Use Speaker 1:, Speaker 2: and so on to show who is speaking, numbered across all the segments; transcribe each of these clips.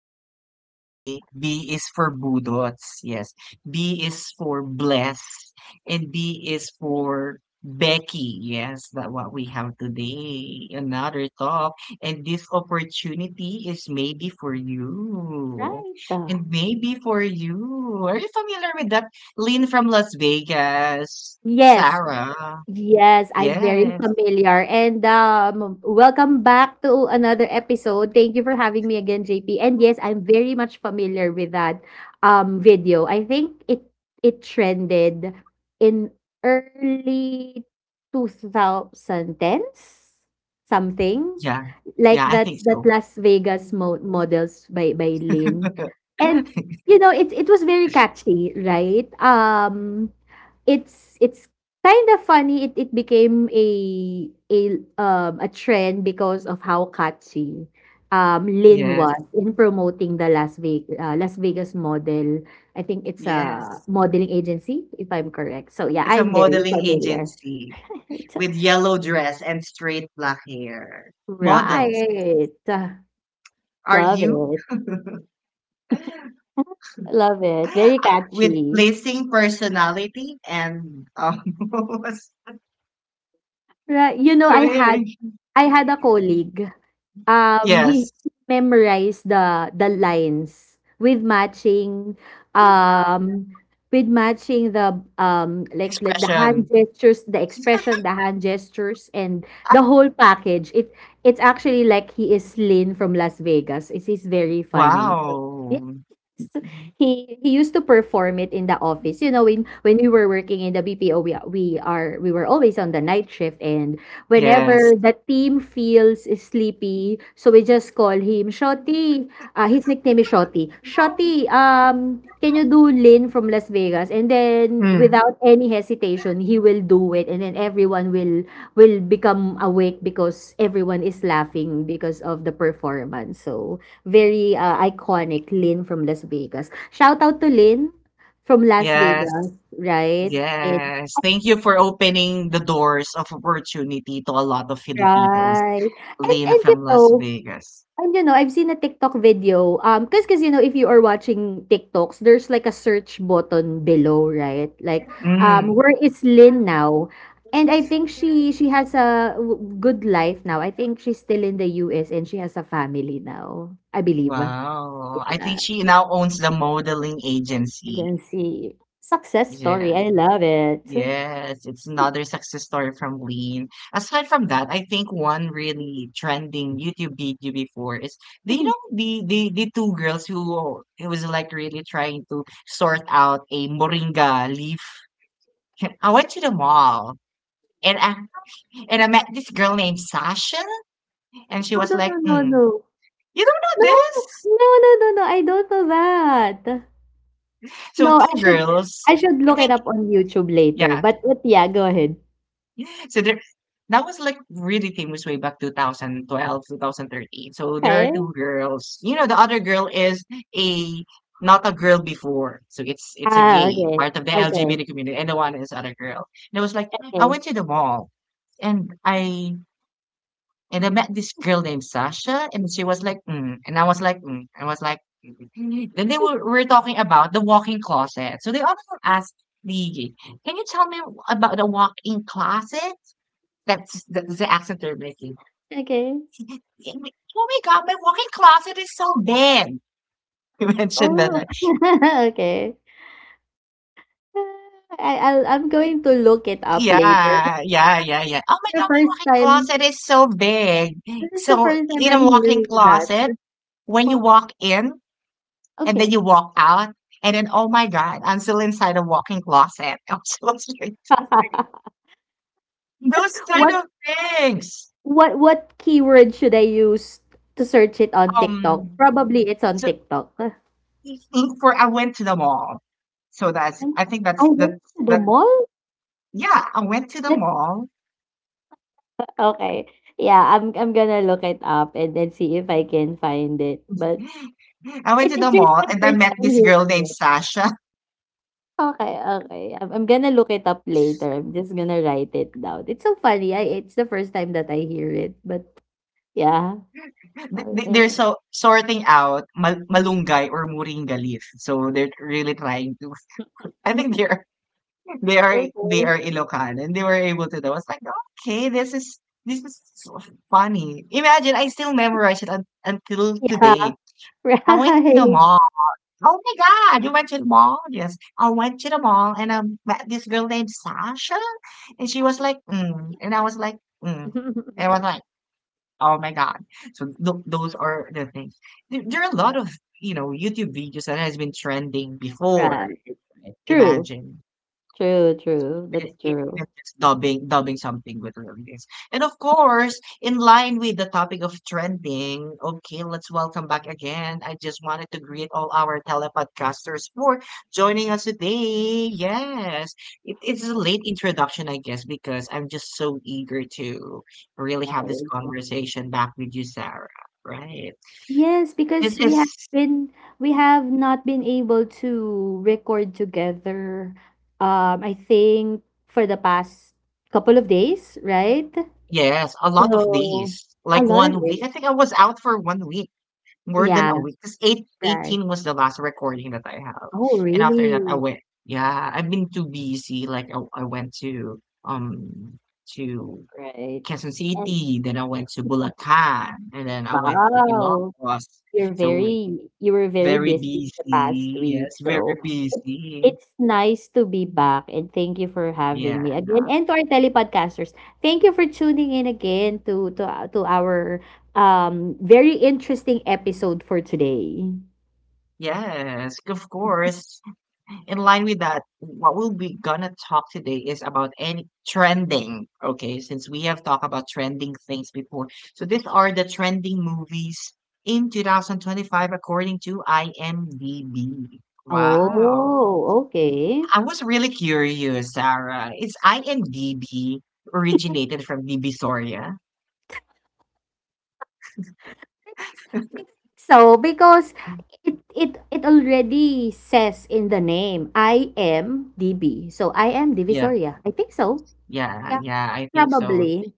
Speaker 1: Arizona B. B is for Budots. Yes. B is for Bless. And B is for Becky. Yes, that what we have today. Another talk. And this opportunity is maybe for you.
Speaker 2: Right.
Speaker 1: And maybe for you. Are you familiar with that? Lynn from Las Vegas.
Speaker 2: Yes,
Speaker 1: Sarah.
Speaker 2: yes, I'm very
Speaker 1: Yes.
Speaker 2: familiar. And welcome back to another episode. Thank you for having me again, JP. And yes, I'm very much familiar with that video. I think it trended in early 2010s, something
Speaker 1: Yeah.
Speaker 2: like
Speaker 1: Yeah, I
Speaker 2: that
Speaker 1: think
Speaker 2: that
Speaker 1: so.
Speaker 2: Las Vegas models by Lynn. And it was very catchy, right? It's kinda funny it became a trend because of how catchy, Lin
Speaker 1: Yes.
Speaker 2: was in promoting the Las Vegas model. I think it's a
Speaker 1: Yes.
Speaker 2: modeling agency, if I'm correct. So, yeah,
Speaker 1: It's a
Speaker 2: I'm very
Speaker 1: modeling
Speaker 2: familiar.
Speaker 1: agency with yellow dress and straight black hair. Models,
Speaker 2: Right.
Speaker 1: are
Speaker 2: Love
Speaker 1: you?
Speaker 2: it, love it, very
Speaker 1: With
Speaker 2: catchy.
Speaker 1: placing personality and what
Speaker 2: Right,
Speaker 1: so eh,
Speaker 2: I had a colleague. He
Speaker 1: yes,
Speaker 2: memorized the lines with matching, um, the, like the hand
Speaker 1: expression.
Speaker 2: gestures, the expression, the hand gestures, and
Speaker 1: Ah,
Speaker 2: the whole package. It's actually like he is Lynn from Las Vegas. It is very funny. So, yeah.
Speaker 1: wow.
Speaker 2: So, he used to perform it in the office. When we were working in the BPO, we were always on the night shift, and
Speaker 1: Yes.
Speaker 2: whenever the team feels sleepy, so we just call him Shotty. His nickname is Shotty. Shotty, can you do Lin from Las Vegas? And then
Speaker 1: Mm.
Speaker 2: without any hesitation, he will do it, and then everyone will become awake because everyone is laughing because of the performance. So very iconic, Lynn from Las Vegas. Shout out to Lynn from Las
Speaker 1: Yes.
Speaker 2: Vegas, right? And
Speaker 1: Yes. Thank you for opening the doors of opportunity to a lot of Filipinos.
Speaker 2: right. And
Speaker 1: Lynn
Speaker 2: and
Speaker 1: from Las Vegas.
Speaker 2: I've seen a TikTok video. Cause if you are watching TikToks, there's like a search button below, right? Like,
Speaker 1: Mm.
Speaker 2: where is Lynn now? And I think she has a good life now. I think she's still in the US and she has a family now, I believe.
Speaker 1: Wow. I think
Speaker 2: Yeah.
Speaker 1: she now owns the modeling agency.
Speaker 2: Agency. Success story,
Speaker 1: Yeah.
Speaker 2: I love it.
Speaker 1: Yes, it's another success story from Lean. Aside from that, I think one really trending YouTube video before is, do you know the two girls who it was like really trying to sort out a moringa leaf. I went to the mall and I and I met this girl named Sasha, and she
Speaker 2: No,
Speaker 1: was
Speaker 2: no,
Speaker 1: like,
Speaker 2: no, no,
Speaker 1: mm.
Speaker 2: no.
Speaker 1: You don't
Speaker 2: No,
Speaker 1: know this?
Speaker 2: no, no, no, no, I don't know that.
Speaker 1: So
Speaker 2: No,
Speaker 1: two girls,
Speaker 2: I should
Speaker 1: I
Speaker 2: look it
Speaker 1: think,
Speaker 2: up on YouTube later.
Speaker 1: yeah.
Speaker 2: But yeah, go ahead.
Speaker 1: So there, that was like really famous way back 2012, 2013. So there are two
Speaker 2: Okay.
Speaker 1: girls. You know, the other girl is a not a girl before. So it's a
Speaker 2: Ah,
Speaker 1: gay
Speaker 2: okay.
Speaker 1: part of the LGBT
Speaker 2: Okay.
Speaker 1: community, and the one is other girl. And I was like, I
Speaker 2: Okay.
Speaker 1: went to the mall and I and I met this girl named Sasha, and she was like, mm. And I was like, mm. I was like, then they were talking about the walk-in closet. So they also asked the, can you tell me about the walk-in closet? That's the accent they're making.
Speaker 2: Okay.
Speaker 1: And we- Oh my God, my walk-in closet is so big. You mentioned that,
Speaker 2: Oh.
Speaker 1: right?
Speaker 2: Okay. Ah, I'm going to look it up later.
Speaker 1: Yeah, yeah, yeah, yeah. Oh my
Speaker 2: This is the
Speaker 1: God, my
Speaker 2: first
Speaker 1: walk-in
Speaker 2: time.
Speaker 1: closet is so big.
Speaker 2: This is the
Speaker 1: So
Speaker 2: first time
Speaker 1: in a
Speaker 2: I'm
Speaker 1: walk-in
Speaker 2: hearing that.
Speaker 1: closet, when you
Speaker 2: Well,
Speaker 1: walk in, and then
Speaker 2: okay.
Speaker 1: you walk out, and then, oh my God, I'm still inside a walk-in closet. I'm so scared.
Speaker 2: What's
Speaker 1: Those kind
Speaker 2: what
Speaker 1: of things.
Speaker 2: what keyword should I use to search it on TikTok?
Speaker 1: Um,
Speaker 2: Probably it's on
Speaker 1: so
Speaker 2: TikTok.
Speaker 1: look for, I went to the mall. So that's,
Speaker 2: When
Speaker 1: I think
Speaker 2: I
Speaker 1: that's, that
Speaker 2: went to the
Speaker 1: that,
Speaker 2: mall?
Speaker 1: yeah, I went to the
Speaker 2: That
Speaker 1: mall.
Speaker 2: okay. Yeah, I'm gonna look it up and then see if I can find it. But
Speaker 1: I went
Speaker 2: it's
Speaker 1: to
Speaker 2: it's
Speaker 1: the
Speaker 2: really
Speaker 1: mall
Speaker 2: my
Speaker 1: and I
Speaker 2: first
Speaker 1: met
Speaker 2: time
Speaker 1: this
Speaker 2: hearing
Speaker 1: girl named
Speaker 2: it.
Speaker 1: Sasha.
Speaker 2: Okay, okay. I'm gonna look it up later. I'm just gonna write it down. It's so funny. I it's the first time that I hear it, but yeah.
Speaker 1: They're
Speaker 2: Well,
Speaker 1: so sorting out malunggay or moringa leaf. So they're really trying to, I think they're. They are they
Speaker 2: okay.
Speaker 1: are Ilocano and they were able to do. I was like, okay, this is so funny. Imagine I still memorize it until
Speaker 2: Yeah,
Speaker 1: today. I went to the
Speaker 2: right.
Speaker 1: mall. Oh my god, you went to the mall? Yes, I went to the mall and I met this girl named Sasha, and she was like, mm. And I was like, mm. And I was like, oh my god. So those are the things. There are a lot of, you know, YouTube videos that has been trending before.
Speaker 2: Right. True.
Speaker 1: Imagine.
Speaker 2: True, true.
Speaker 1: E
Speaker 2: That's
Speaker 1: even
Speaker 2: true.
Speaker 1: just dubbing something with lyrics. And of course, in line with the topic of trending, okay, let's welcome back again. I just wanted to greet all our telepodcasters for joining us today. Yes, it's a late introduction, I guess, because I'm just so eager to really have this
Speaker 2: Right.
Speaker 1: conversation back with you, Sarah. Right.
Speaker 2: Yes,
Speaker 1: This
Speaker 2: because
Speaker 1: is,
Speaker 2: we have not been able to record together. I think for the past couple of days, right?
Speaker 1: yes, a lot of
Speaker 2: So
Speaker 1: days.
Speaker 2: a
Speaker 1: Like
Speaker 2: lot of
Speaker 1: one week.
Speaker 2: it.
Speaker 1: I think I was out for one week. More than
Speaker 2: Yeah,
Speaker 1: a week, because eight
Speaker 2: right.
Speaker 1: eighteen was the last recording that I have,
Speaker 2: Oh,
Speaker 1: and after that, I
Speaker 2: really?
Speaker 1: went, yeah, I've been too busy, like, I went to
Speaker 2: Right.
Speaker 1: Quezon
Speaker 2: And
Speaker 1: City, then I went to Bulacan, and then I went to
Speaker 2: wow.
Speaker 1: Ilocos. So,
Speaker 2: You were very
Speaker 1: very
Speaker 2: busy the past
Speaker 1: busy,
Speaker 2: week,
Speaker 1: yes, very
Speaker 2: so it's
Speaker 1: busy.
Speaker 2: it's nice to be back, and thank you for having
Speaker 1: Yeah.
Speaker 2: me again. And to our telepodcasters, thank you for tuning in again to our, very interesting episode for today.
Speaker 1: Yes, of course. In line with that, what we'll be gonna talk today is about any trending. Okay, since we have talked about trending things before, so these are the trending movies in 2025 according to IMDb. Wow,
Speaker 2: Oh, okay.
Speaker 1: I was really curious, Sarah. Is IMDb originated from Divisoria?
Speaker 2: I think so, because it already says in the name, I am DB. So I am
Speaker 1: Yeah,
Speaker 2: Divisoria. I think so.
Speaker 1: yeah,
Speaker 2: Yeah,
Speaker 1: yeah. I think so.
Speaker 2: probably.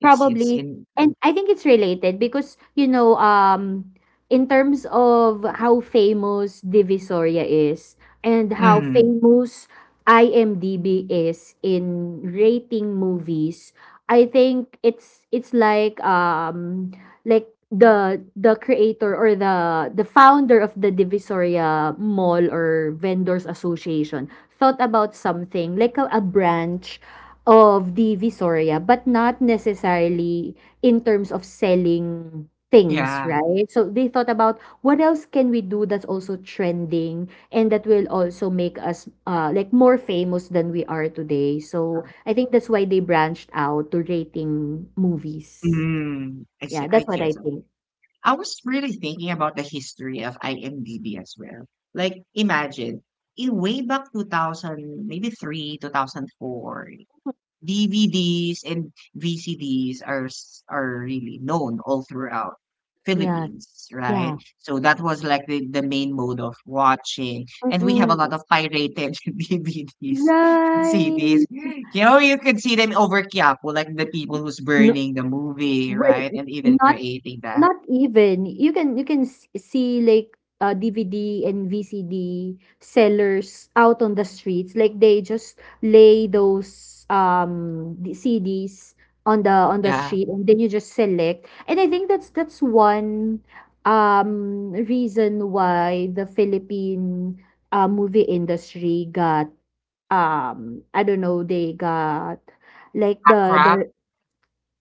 Speaker 1: It's
Speaker 2: Probably.
Speaker 1: in.
Speaker 2: And I think it's related because, in terms of how famous Divisoria is and how
Speaker 1: Mm,
Speaker 2: famous IMDb is in rating movies, I think it's like the creator or the founder of the Divisoria Mall or Vendors Association thought about something like a branch of the Visoria, but not necessarily in terms of selling things,
Speaker 1: yeah.
Speaker 2: right? So they thought about what else can we do that's also trending and that will also make us like more famous than we are today. So I think that's why they branched out to rating movies.
Speaker 1: Mm, I see.
Speaker 2: Yeah,
Speaker 1: I
Speaker 2: that's what I
Speaker 1: guess.
Speaker 2: think.
Speaker 1: I was really thinking about the history of IMDb as well. Like, imagine, in way back 2000, maybe 3, 2004, DVDs and VCDs are really known all throughout
Speaker 2: Yeah,
Speaker 1: Philippines, right?
Speaker 2: yeah.
Speaker 1: So that was like the main mode of watching. And we have a lot
Speaker 2: Mm-mm.
Speaker 1: of pirated DVDs and
Speaker 2: Right.
Speaker 1: CDs. You know, you could see them over Quiapo, like the people who's
Speaker 2: No,
Speaker 1: burning the movie,
Speaker 2: well,
Speaker 1: right? And even
Speaker 2: not
Speaker 1: creating that.
Speaker 2: not even. You can see like DVD and VCD sellers out on the streets. Like they just lay those the CDs on the
Speaker 1: Yeah.
Speaker 2: street and then you just select. And I think that's one reason why the Philippine movie industry got I don't know, they got like
Speaker 1: Accra,
Speaker 2: the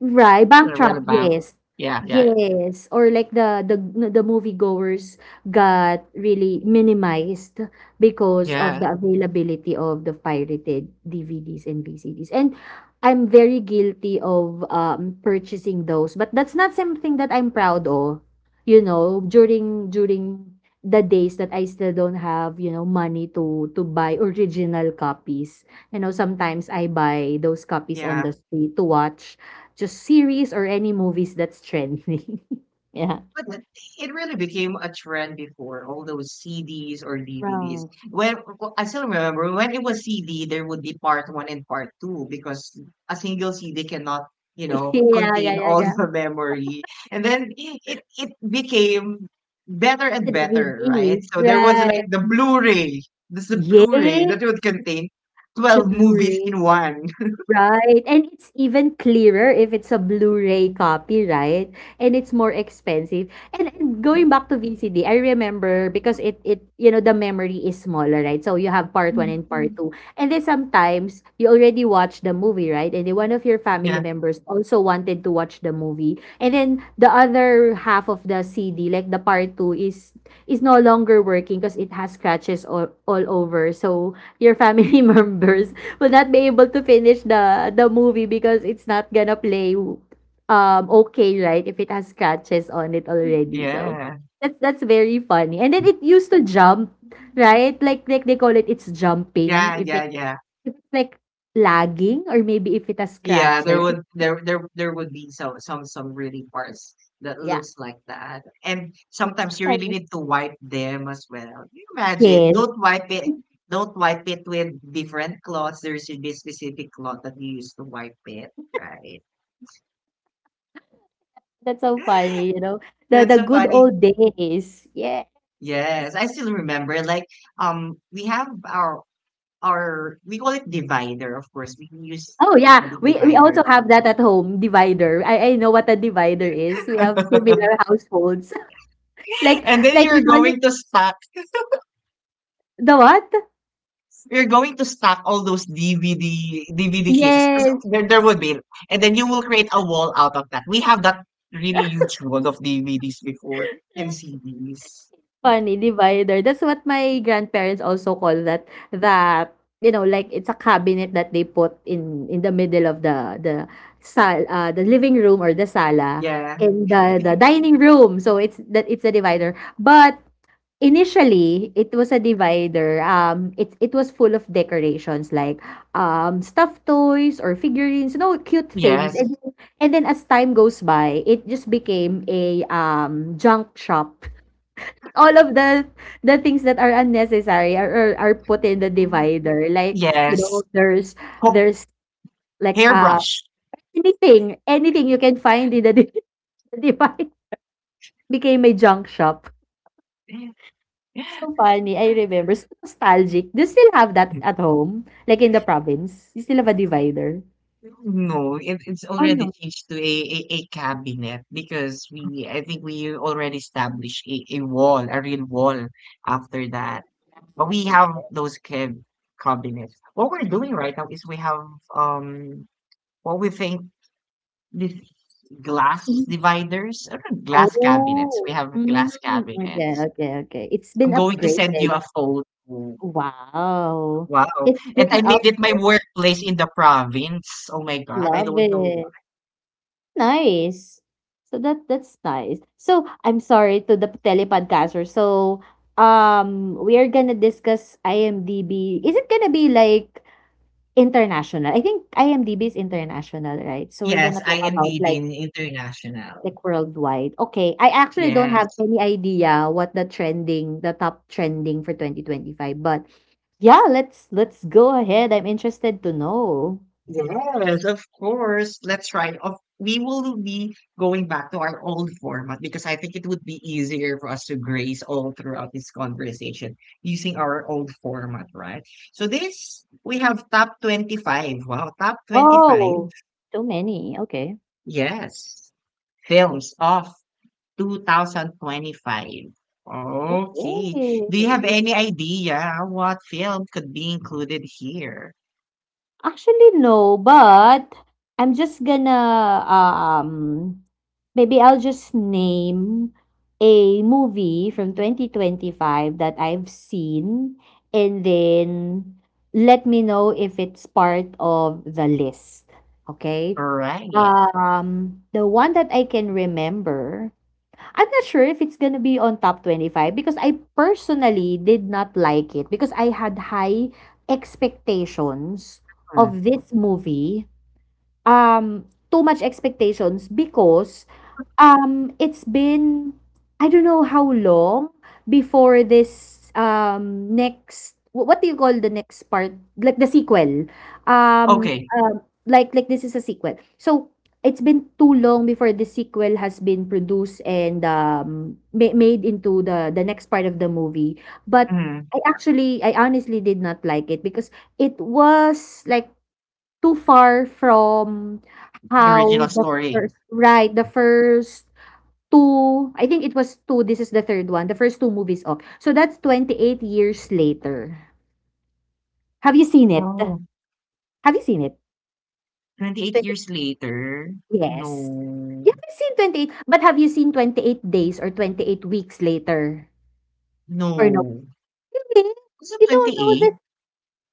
Speaker 2: Right, Backdrop,
Speaker 1: Riverbank.
Speaker 2: yes.
Speaker 1: Yeah, yeah, yeah.
Speaker 2: Yes, or like the moviegoers got really minimized because of the
Speaker 1: Yeah.
Speaker 2: availability of the pirated DVDs and VCDs. And I'm very guilty of purchasing those, but that's not something that I'm proud of. During the days that I still don't have, money to buy original copies. Sometimes I buy those copies on
Speaker 1: Yeah,
Speaker 2: the street to watch just series or any movies that's trending. Yeah.
Speaker 1: but th- it really became a trend before all those CDs or DVDs.
Speaker 2: Right.
Speaker 1: When w- I still remember when it was CD, there would be part one and part two because a single CD cannot, you know,
Speaker 2: Yeah, yeah,
Speaker 1: contain
Speaker 2: yeah,
Speaker 1: all
Speaker 2: yeah.
Speaker 1: the memory. And then it became better
Speaker 2: The
Speaker 1: and better, right?
Speaker 2: DVD,
Speaker 1: So there was
Speaker 2: right.
Speaker 1: like the Blu-ray. This is a
Speaker 2: Yeah,
Speaker 1: Blu-ray that would contain
Speaker 2: the
Speaker 1: 12 movies
Speaker 2: Blu-ray.
Speaker 1: in one.
Speaker 2: Right. And it's even clearer if it's a Blu-ray copy, right? And it's more expensive. And going back to VCD, I remember because it the memory is smaller, right? So you have part one and part two. And then sometimes you already watched the movie, right? And then one of your family
Speaker 1: Yeah.
Speaker 2: members also wanted to watch the movie. And then the other half of the CD, like the part two, is no longer working because it has scratches all over. So your family members will not be able to finish the movie because it's not gonna play okay, right, if it has scratches on it already, so
Speaker 1: Yeah.
Speaker 2: that's very funny. And then it used to jump, right, like they call it's jumping
Speaker 1: Yeah,
Speaker 2: if
Speaker 1: yeah,
Speaker 2: it
Speaker 1: yeah.
Speaker 2: if it's like lagging or maybe if it has
Speaker 1: Yeah,
Speaker 2: scratches.
Speaker 1: there would there would be so some really parts that
Speaker 2: Yeah,
Speaker 1: looks like that. And
Speaker 2: so
Speaker 1: sometimes you really
Speaker 2: funny,
Speaker 1: need to wipe them as well. Can you imagine?
Speaker 2: yes.
Speaker 1: Don't wipe it. Don't wipe it with different cloths. There should be specific cloth that you use to wipe it, right?
Speaker 2: That's so funny. The
Speaker 1: That's
Speaker 2: the
Speaker 1: so
Speaker 2: good
Speaker 1: funny.
Speaker 2: old days, yes.
Speaker 1: Yes, I still remember. Like, we have our we call it divider. Of course, we use
Speaker 2: Oh,
Speaker 1: to
Speaker 2: yeah,
Speaker 1: call it
Speaker 2: we
Speaker 1: divider.
Speaker 2: also have that at home, divider. I know what a divider is. We have similar households. Like
Speaker 1: And then
Speaker 2: like
Speaker 1: you're
Speaker 2: we call it
Speaker 1: going to stack
Speaker 2: the what?
Speaker 1: you're going to stack all those DVD cases because
Speaker 2: Yes.
Speaker 1: there would be, and then you will create a wall out of that. We have that really huge wall of DVDs before and CDs.
Speaker 2: Funny, divider. That's what my grandparents also call that, like it's a cabinet that they put in the middle of the sal the living room or the sala
Speaker 1: Yeah.
Speaker 2: in the the dining room. So it's that, it's a divider. But initially, it was a divider, it was full of decorations like, stuffed toys or figurines, cute things, and
Speaker 1: Yes.
Speaker 2: then as time goes by, it just became a, junk shop. All of the things that are unnecessary are put in the divider, like, you know,
Speaker 1: Yes.
Speaker 2: there's
Speaker 1: Ho-
Speaker 2: there's like,
Speaker 1: hairbrush.
Speaker 2: anything you can find in the divider became a junk shop. So funny, I remember. So nostalgic. Do you still have that at home? Like in the province? You still have a divider?
Speaker 1: No, it's
Speaker 2: Oh,
Speaker 1: already
Speaker 2: no.
Speaker 1: changed to a cabinet because we I think we already established a wall, a real wall after that. But we have those kid cabinets. What we're doing right now is we have um what we think this glass
Speaker 2: Mm.
Speaker 1: dividers or glass cabinets. We
Speaker 2: Oh.
Speaker 1: have
Speaker 2: Mm.
Speaker 1: glass
Speaker 2: Okay,
Speaker 1: cabinets.
Speaker 2: okay, okay. It's
Speaker 1: I'm
Speaker 2: been
Speaker 1: going to send you
Speaker 2: upgraded.
Speaker 1: a photo.
Speaker 2: Wow.
Speaker 1: Wow.
Speaker 2: It's
Speaker 1: And
Speaker 2: been
Speaker 1: I made
Speaker 2: up.
Speaker 1: it my workplace in the province. Oh my God. I
Speaker 2: Love
Speaker 1: don't know why.
Speaker 2: it. Nice. So that's nice. So I'm sorry to the telepodcaster. So we are gonna discuss IMDb. Is it gonna be like international? I think IMDb is international, right? So we're
Speaker 1: Yes,
Speaker 2: gonna
Speaker 1: I
Speaker 2: talk
Speaker 1: am
Speaker 2: about
Speaker 1: DD
Speaker 2: like
Speaker 1: International.
Speaker 2: worldwide. Okay, I actually don't have
Speaker 1: Yes.
Speaker 2: any idea what the top trending for 2025, but yeah, let's go ahead. I'm interested to know.
Speaker 1: Yes, of course. Let's try. Of we will be going back to our old format because I think it would be easier for us to grace all throughout this conversation using our old format, right? So this we have top 25. Wow, top 25.
Speaker 2: Oh, so many. Okay.
Speaker 1: Yes. Films of 2025. Okay. Do you have
Speaker 2: Okay.
Speaker 1: any idea what film could be included here?
Speaker 2: Actually, no, but I'm just gonna, maybe I'll just name a movie from 2025 that I've seen, and then let me know if it's part of the list, okay?
Speaker 1: Right.
Speaker 2: The one that I can remember, I'm not sure if it's gonna be on top 25 because I personally did not like it because I had high expectations
Speaker 1: Mm.
Speaker 2: of this movie, um, too much expectations, because it's been, I don't know how long, before this next what do you call, the next part, like the sequel, um,
Speaker 1: Okay.
Speaker 2: um like this is a sequel, so it's been too long before the sequel has been produced and made into the next part of the movie, but
Speaker 1: Hmm.
Speaker 2: I honestly did not like it because it was like too far from
Speaker 1: The
Speaker 2: how
Speaker 1: original
Speaker 2: the
Speaker 1: story.
Speaker 2: first, right, the first 2, I think it was 2, this is the third one, the first 2 movies of. So that's 28 Years Later. Have you seen it?
Speaker 1: Oh,
Speaker 2: Have you seen it?
Speaker 1: 28
Speaker 2: 20
Speaker 1: years later?
Speaker 2: Yes.
Speaker 1: No.
Speaker 2: You haven't seen 28, but have you seen 28 Days or 28 Weeks Later? Or no?
Speaker 1: No.
Speaker 2: Really?
Speaker 1: Is it
Speaker 2: You don't know
Speaker 1: 28?
Speaker 2: this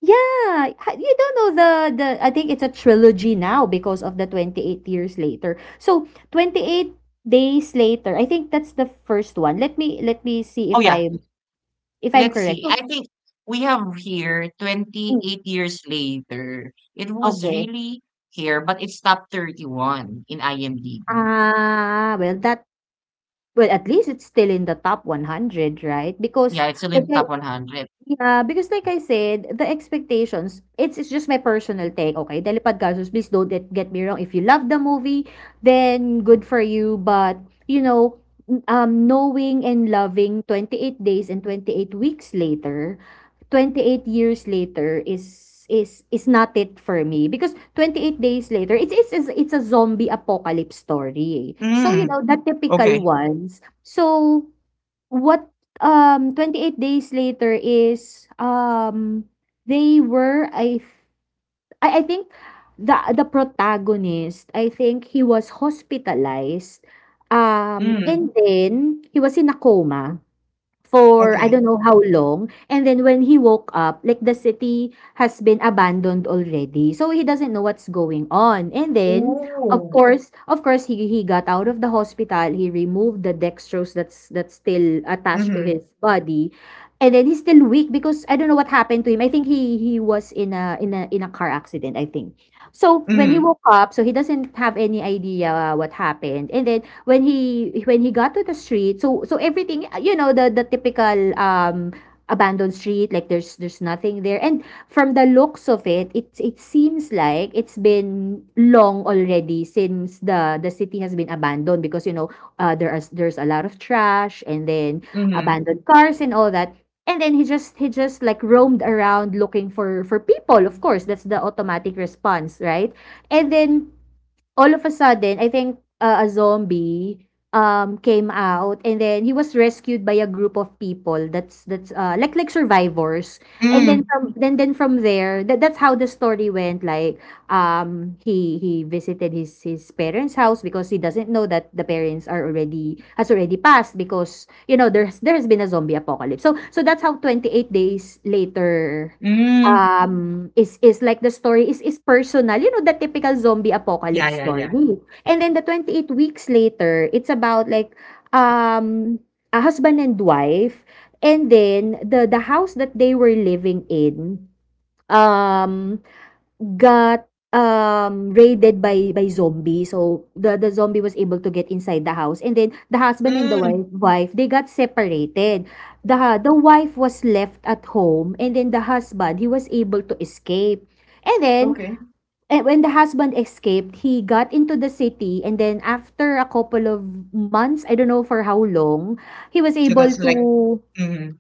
Speaker 2: Yeah, ha you don't know the I think it's a trilogy now because of the 28 Years Later. So, 28 Days Later, I think that's the first one. Let me see
Speaker 1: Oh, yeah.
Speaker 2: if I'm
Speaker 1: Let's
Speaker 2: correct.
Speaker 1: see.
Speaker 2: So
Speaker 1: I think we have here
Speaker 2: mm,
Speaker 1: 28 years later. It was
Speaker 2: okay.
Speaker 1: really here, but it's top 31 in IMDb.
Speaker 2: Ah, well, at least it's still in the top 100, right? Because
Speaker 1: Yeah, it's still
Speaker 2: like
Speaker 1: in
Speaker 2: I
Speaker 1: top 100.
Speaker 2: Yeah, because like I said, the expectations, it's just my personal take, okay? Dalipad Gastos, please don't get me wrong. If you love the movie, then good for you. But, you know, knowing and loving 28 days and 28 weeks later, 28 years later is not it for me because 28 days later it's a zombie apocalypse story eh. So you
Speaker 1: Mm,
Speaker 2: know the typical
Speaker 1: okay.
Speaker 2: ones so. What, 28 days later is, they were I th- I think the protagonist, I think he was hospitalized,
Speaker 1: Mm,
Speaker 2: and then he was in a coma for I
Speaker 1: okay.
Speaker 2: don't know how long. And then when he woke up, like the city has been abandoned already. So he doesn't know what's going on. And then
Speaker 1: Ooh.
Speaker 2: of course he got out of the hospital. He removed the dextrose that's still attached to
Speaker 1: Mm-hmm.
Speaker 2: his body. And then he's still weak because I don't know what happened to him. I think he was in a car accident, I think. So when he
Speaker 1: Mm,
Speaker 2: woke up, so he doesn't have any idea what happened. And then when he got to the street, so so everything, you know, the typical abandoned street, like there's nothing there. And from the looks of it, it seems like it's been long already since the city has been abandoned because you know there's a lot of trash, and then
Speaker 1: mm,
Speaker 2: abandoned cars and all that. And then he just like roamed around looking for people. Of course, that's the automatic response, right? And then all of a sudden, I think a zombie came out, and then he was rescued by a group of people that's like survivors. And then
Speaker 1: mm,
Speaker 2: from then from there that's how the story went. Like he visited his parents house because he doesn't know that the parents are already has already passed, because you know there's there has been a zombie apocalypse. So so that's how 28 days later
Speaker 1: mm.
Speaker 2: Is like, the story is personal, you know, the typical zombie
Speaker 1: Yeah,
Speaker 2: apocalypse
Speaker 1: yeah,
Speaker 2: story.
Speaker 1: yeah.
Speaker 2: And then the 28 weeks later, it's about like, um, a husband and wife, and then the house that they were living in, um got, raided by zombie. So, the zombie was able to get inside the house, and then the husband and the
Speaker 1: Mm,
Speaker 2: wife, they got separated. The wife was left at home, and then the husband, he was able to escape. And then,
Speaker 1: okay.
Speaker 2: when the husband escaped, he got into the city, and then after a couple of months, I don't know for how long, he was
Speaker 1: So
Speaker 2: able
Speaker 1: that's
Speaker 2: to.
Speaker 1: like. Mhm.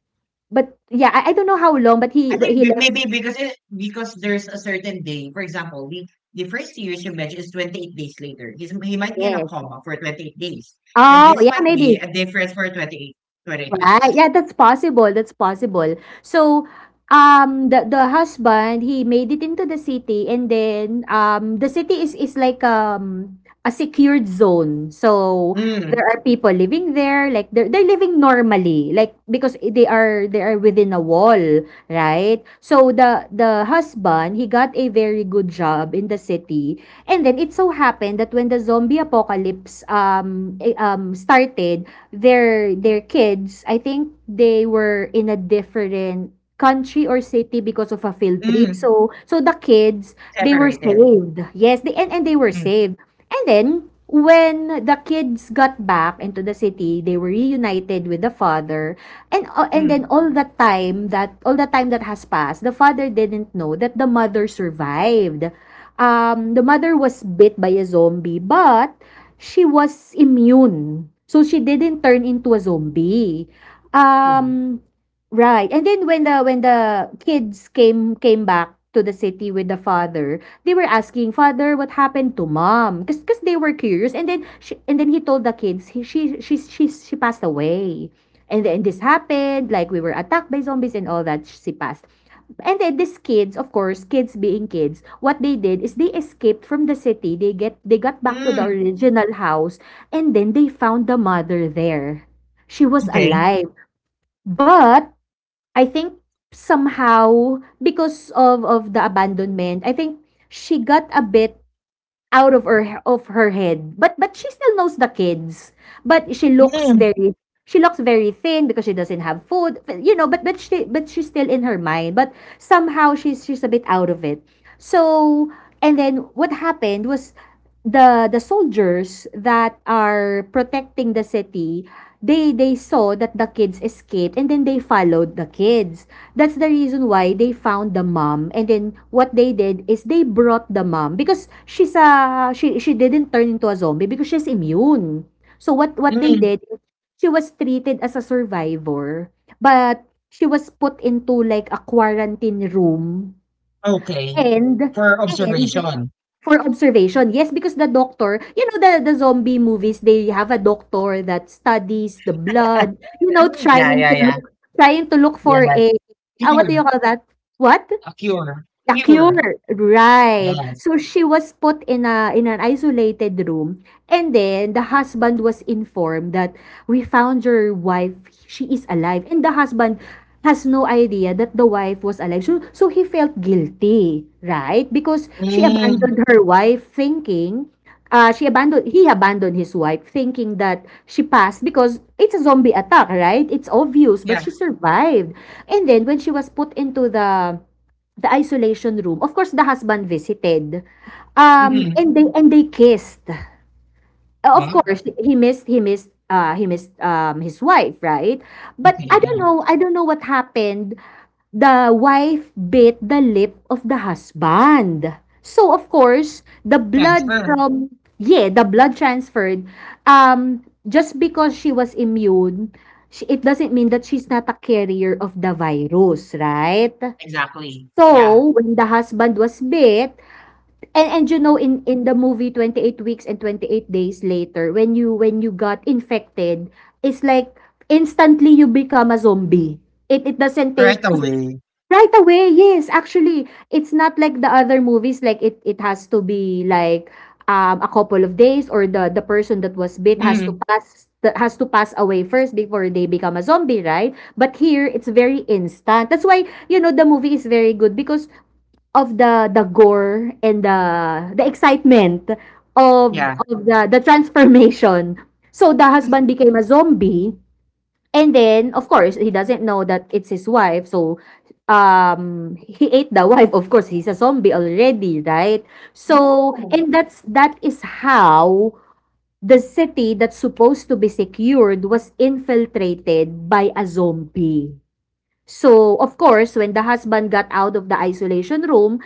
Speaker 2: But yeah, I don't know how long, but
Speaker 1: I think
Speaker 2: he
Speaker 1: b-
Speaker 2: left.
Speaker 1: maybe because it, because there's a certain day. For example, the first years you mentioned is 28 days later. He's, he might be in a
Speaker 2: Yes.
Speaker 1: coma for 28 days. And
Speaker 2: Oh,
Speaker 1: this
Speaker 2: yeah,
Speaker 1: might be
Speaker 2: maybe.
Speaker 1: a difference for 28, twenty-eight
Speaker 2: Right.
Speaker 1: weeks.
Speaker 2: Yeah, that's possible. That's possible. So, the husband he made it into the city, and then the city is like a secured zone. So
Speaker 1: Mm,
Speaker 2: there are people living there, like they're living normally, like because they are within a wall, right? So the husband he got a very good job in the city, and then it so happened that when the zombie apocalypse started their kids, I think they were in a different country or city because of a field trip.
Speaker 1: mm,
Speaker 2: So so the kids, they were
Speaker 1: separated.
Speaker 2: saved. Yes, they and they were
Speaker 1: Mm,
Speaker 2: saved. And then when the kids got back into the city, they were reunited with the father. And then
Speaker 1: mm,
Speaker 2: all the time that has passed, the father didn't know that the mother survived. The mother was bit by a zombie, but she was immune. So she didn't turn into a zombie.
Speaker 1: mm,
Speaker 2: Um, right. And then when the kids came back to the city with the father, they were asking father what happened to mom because they were curious. And then he told the kids she passed away. And then this happened, like we were attacked by zombies and all that. She passed. And then these kids, of course, kids being kids, what they did is they escaped from the city. They get they got back to the
Speaker 1: mm.
Speaker 2: original house. And then they found the mother there. She was
Speaker 1: Okay.
Speaker 2: alive. But I think somehow because of the abandonment, I think she got a bit out of her head. But she still knows the kids. But
Speaker 1: Mm,
Speaker 2: she looks very thin because she doesn't have food, you know. But she's still in her mind, but somehow she's a bit out of it. So and then what happened was, the soldiers that are protecting the city, they saw that the kids escaped, and then they followed the kids. That's the reason why they found the mom. And then what they did is they brought the mom, because she's a she didn't turn into a zombie because she's immune. So what they
Speaker 1: mm,
Speaker 2: did is she was treated as a survivor, but she was put into like a quarantine room
Speaker 1: okay.
Speaker 2: and
Speaker 1: For
Speaker 2: and
Speaker 1: observation.
Speaker 2: for observation. Yes, because the doctor, you know, the zombie movies, they have a doctor that studies the blood, you know,
Speaker 1: Yeah, yeah, yeah.
Speaker 2: trying to look for
Speaker 1: Yes.
Speaker 2: a ah, what do you
Speaker 1: Cure.
Speaker 2: call that? What?
Speaker 1: A cure.
Speaker 2: The
Speaker 1: Cure.
Speaker 2: Cure, right.
Speaker 1: Yes.
Speaker 2: So she was put in a in an isolated room, and then the husband was informed that we found your wife, she is alive. And the husband has no idea that the wife was alive. So so he felt guilty, right? Because she
Speaker 1: Mm,
Speaker 2: abandoned her wife thinking she abandoned he abandoned his wife thinking that she passed because it's a zombie attack, right? It's obvious, but
Speaker 1: yeah.
Speaker 2: she survived. And then when she was put into the isolation room. Of course, the husband visited.
Speaker 1: Mm-hmm.
Speaker 2: And they kissed. Of course, he missed his wife, right? But
Speaker 1: Okay, yeah.
Speaker 2: I don't know what happened. The wife bit the lip of the husband. So of course, the blood
Speaker 1: Transfer.
Speaker 2: from yeah, the blood transferred. Um, just because she was immune, it doesn't mean that she's not a carrier of the virus, right?
Speaker 1: Exactly. Yeah.
Speaker 2: So, when the husband was bit, and you know in the movie 28 weeks and 28 days later, when you got infected, it's like instantly you become a zombie. It doesn't
Speaker 1: Right
Speaker 2: take.
Speaker 1: away.
Speaker 2: Right away, yes. Actually, it's not like the other movies, like it has to be like a couple of days, or the person that was bit has to
Speaker 1: Mm,
Speaker 2: pass away first before they become a zombie, right? But here it's very instant. That's why, you know, the movie is very good because of the gore and the excitement of
Speaker 1: yeah.
Speaker 2: the transformation. So the husband became a zombie. And then, of course, he doesn't know that it's his wife. So, he ate the wife. Of course, he's a zombie already, right? So,
Speaker 1: Oh,
Speaker 2: and that is how the city that's supposed to be secured was infiltrated by a zombie. So, of course, when the husband got out of the isolation room,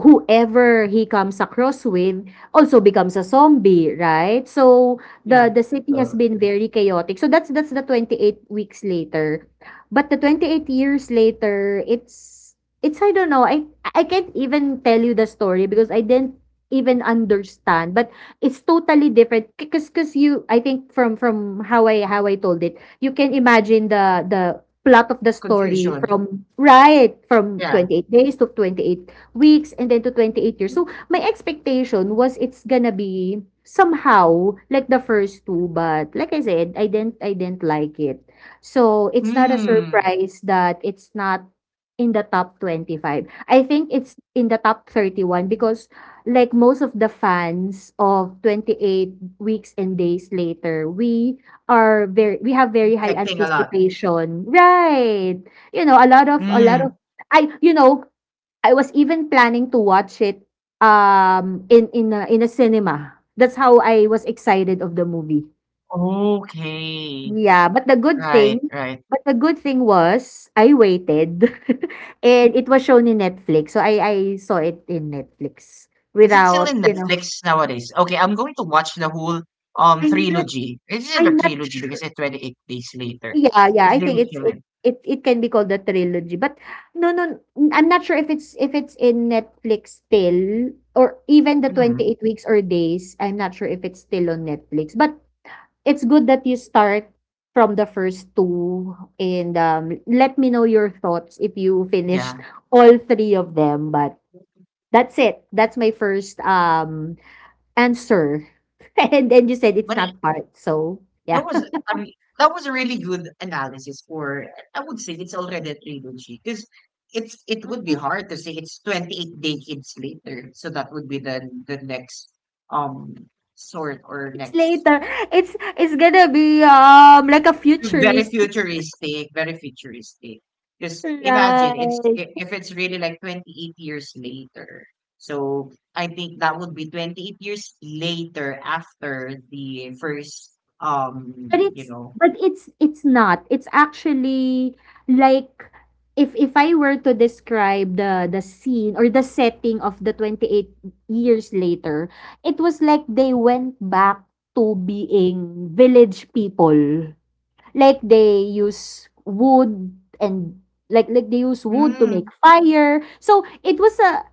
Speaker 2: whoever he comes across with also becomes a zombie, right? So,
Speaker 1: yeah.
Speaker 2: the city has
Speaker 1: Uh,
Speaker 2: been very chaotic. So that's the 28 weeks later. But the 28 years later, it's I don't know. I can't even tell you the story because I didn't even understand. But it's totally different, because you I think from how I told it, you can imagine the plot of the story
Speaker 1: confusion.
Speaker 2: from right, from
Speaker 1: Yeah.
Speaker 2: 28 days to 28 weeks and then to 28 years. So my expectation was it's gonna be somehow like the first two, but like I said, I didn't like it. So it's not a
Speaker 1: Mm,
Speaker 2: surprise that it's not in the top 25. I think it's in the top 31, because like most of the fans of 28 weeks and days later, we are very we have very high
Speaker 1: protecting a lot.
Speaker 2: anticipation. Right. You know, a lot of
Speaker 1: Mm,
Speaker 2: I you know, I was even planning to watch it in a cinema. That's how I was excited of the movie.
Speaker 1: okay.
Speaker 2: Yeah, but the good
Speaker 1: Right,
Speaker 2: thing
Speaker 1: right.
Speaker 2: was I waited and it was shown in Netflix. So I saw it in Netflix
Speaker 1: Is it still
Speaker 2: without,
Speaker 1: in
Speaker 2: you know,
Speaker 1: Netflix nowadays? Okay, I'm going to watch the whole
Speaker 2: I'm not
Speaker 1: trilogy. Is it a
Speaker 2: I'm not
Speaker 1: trilogy because
Speaker 2: sure.
Speaker 1: it's 28 days later?
Speaker 2: Yeah, yeah,
Speaker 1: If
Speaker 2: I
Speaker 1: they
Speaker 2: think
Speaker 1: will
Speaker 2: it's
Speaker 1: kill
Speaker 2: it
Speaker 1: him.
Speaker 2: it it can be called a trilogy, but no, no, I'm not sure if it's in Netflix still, or even the
Speaker 1: Mm,
Speaker 2: 28 weeks or days. I'm not sure if it's still on Netflix, but it's good that you start from the first two, and let me know your thoughts if you finished
Speaker 1: yeah.
Speaker 2: all three of them. But that's it. That's my first answer, and then you said it's not
Speaker 1: But
Speaker 2: hard, so
Speaker 1: that
Speaker 2: yeah.
Speaker 1: was, I mean, that was a really good analysis for, I would say it's already a trilogy because it's it would be hard to say it's 28 decades later. So that would be the next um sort or
Speaker 2: It's
Speaker 1: next
Speaker 2: later. It's gonna be, like, a
Speaker 1: fu- very
Speaker 2: futuristic.
Speaker 1: futuristic, very futuristic. Just imagine it's
Speaker 2: Right.
Speaker 1: I- if it's really like 28 years later. So I think that would be 28 years later after the first
Speaker 2: But
Speaker 1: you
Speaker 2: it's
Speaker 1: know
Speaker 2: but it's it's not. It's actually like, if I were to describe the scene or the setting of the 28 years later, it was like they went back to being village people. Like they use wood, and like they use wood to
Speaker 1: mm,
Speaker 2: make fire. So it was a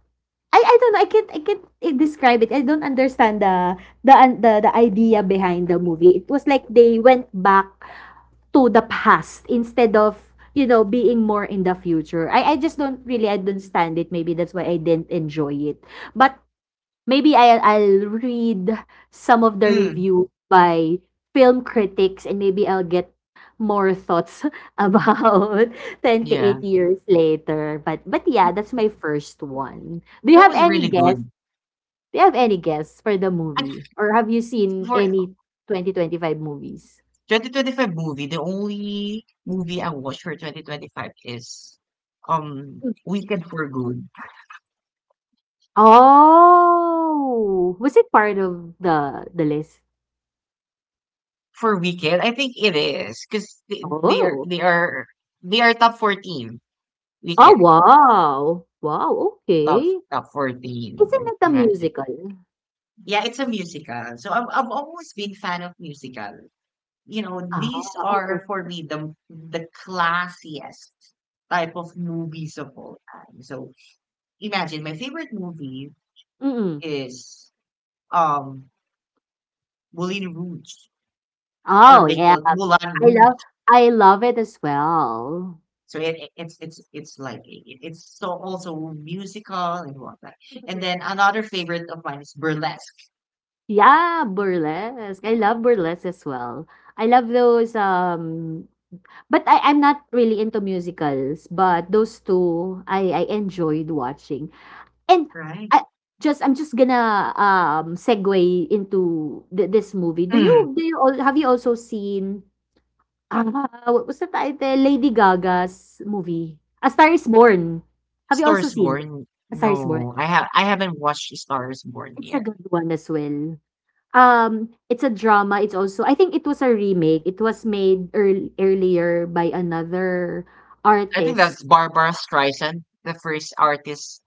Speaker 2: I don't know. I can't describe it. I don't understand the idea behind the movie. It was like they went back to the past instead of, being more in the future. I just don't really understand it. Maybe that's why I didn't enjoy it. But maybe I'll read some of the
Speaker 1: mm.
Speaker 2: review by film critics, and maybe I'll get more thoughts about
Speaker 1: Yeah.
Speaker 2: 28 years later. But yeah, that's my first one. Do you
Speaker 1: That
Speaker 2: have
Speaker 1: was
Speaker 2: any
Speaker 1: really
Speaker 2: guess?
Speaker 1: good.
Speaker 2: Do you have any guess for the movie?
Speaker 1: At-
Speaker 2: Or have you seen
Speaker 1: For
Speaker 2: any 2025 movies?
Speaker 1: 2025 movie, the only movie I watched for 2025 is
Speaker 2: Mm.
Speaker 1: Weekend for Good.
Speaker 2: Oh, was it part of the list?
Speaker 1: For Weekend, I think it is because they, they are
Speaker 2: Oh.
Speaker 1: they are they are top 14.
Speaker 2: Oh,
Speaker 1: Weekend
Speaker 2: wow. Wow,
Speaker 1: top
Speaker 2: okay.
Speaker 1: top 14.
Speaker 2: Isn't
Speaker 1: You
Speaker 2: it a
Speaker 1: imagine.
Speaker 2: musical?
Speaker 1: Yeah, it's a musical. So I've always been fan of musical. You know,
Speaker 2: Ah,
Speaker 1: these are
Speaker 2: okay.
Speaker 1: for me the classiest type of movies of all time. So imagine my favorite movie
Speaker 2: Mm-mm.
Speaker 1: is um Moulin Rouge, or
Speaker 2: Oh,
Speaker 1: they
Speaker 2: yeah.
Speaker 1: call it Moulin
Speaker 2: I
Speaker 1: Rouge.
Speaker 2: love I love it as well.
Speaker 1: So it's so also musical and whatnot. And
Speaker 2: Mhm.
Speaker 1: then another favorite of mine is Burlesque,
Speaker 2: Yeah, burlesque. I love burlesque as well. I love those But I'm not really into musicals, but those two I enjoyed watching. And
Speaker 1: right?
Speaker 2: I I'm just gonna segue into this movie.
Speaker 1: Mm.
Speaker 2: Do you all have you also seen, what was the title? Lady Gaga's movie, A Star Is Born. Have you also
Speaker 1: Stars
Speaker 2: seen it?
Speaker 1: Born.
Speaker 2: A Star Is Born?
Speaker 1: No, I haven't watched Stars Born
Speaker 2: It's a
Speaker 1: yet.
Speaker 2: good one as well. It's a drama. It's also, I think, it was a remake. It was made earlier by another
Speaker 1: I think
Speaker 2: artist.
Speaker 1: that's Barbara Streisand, the first artist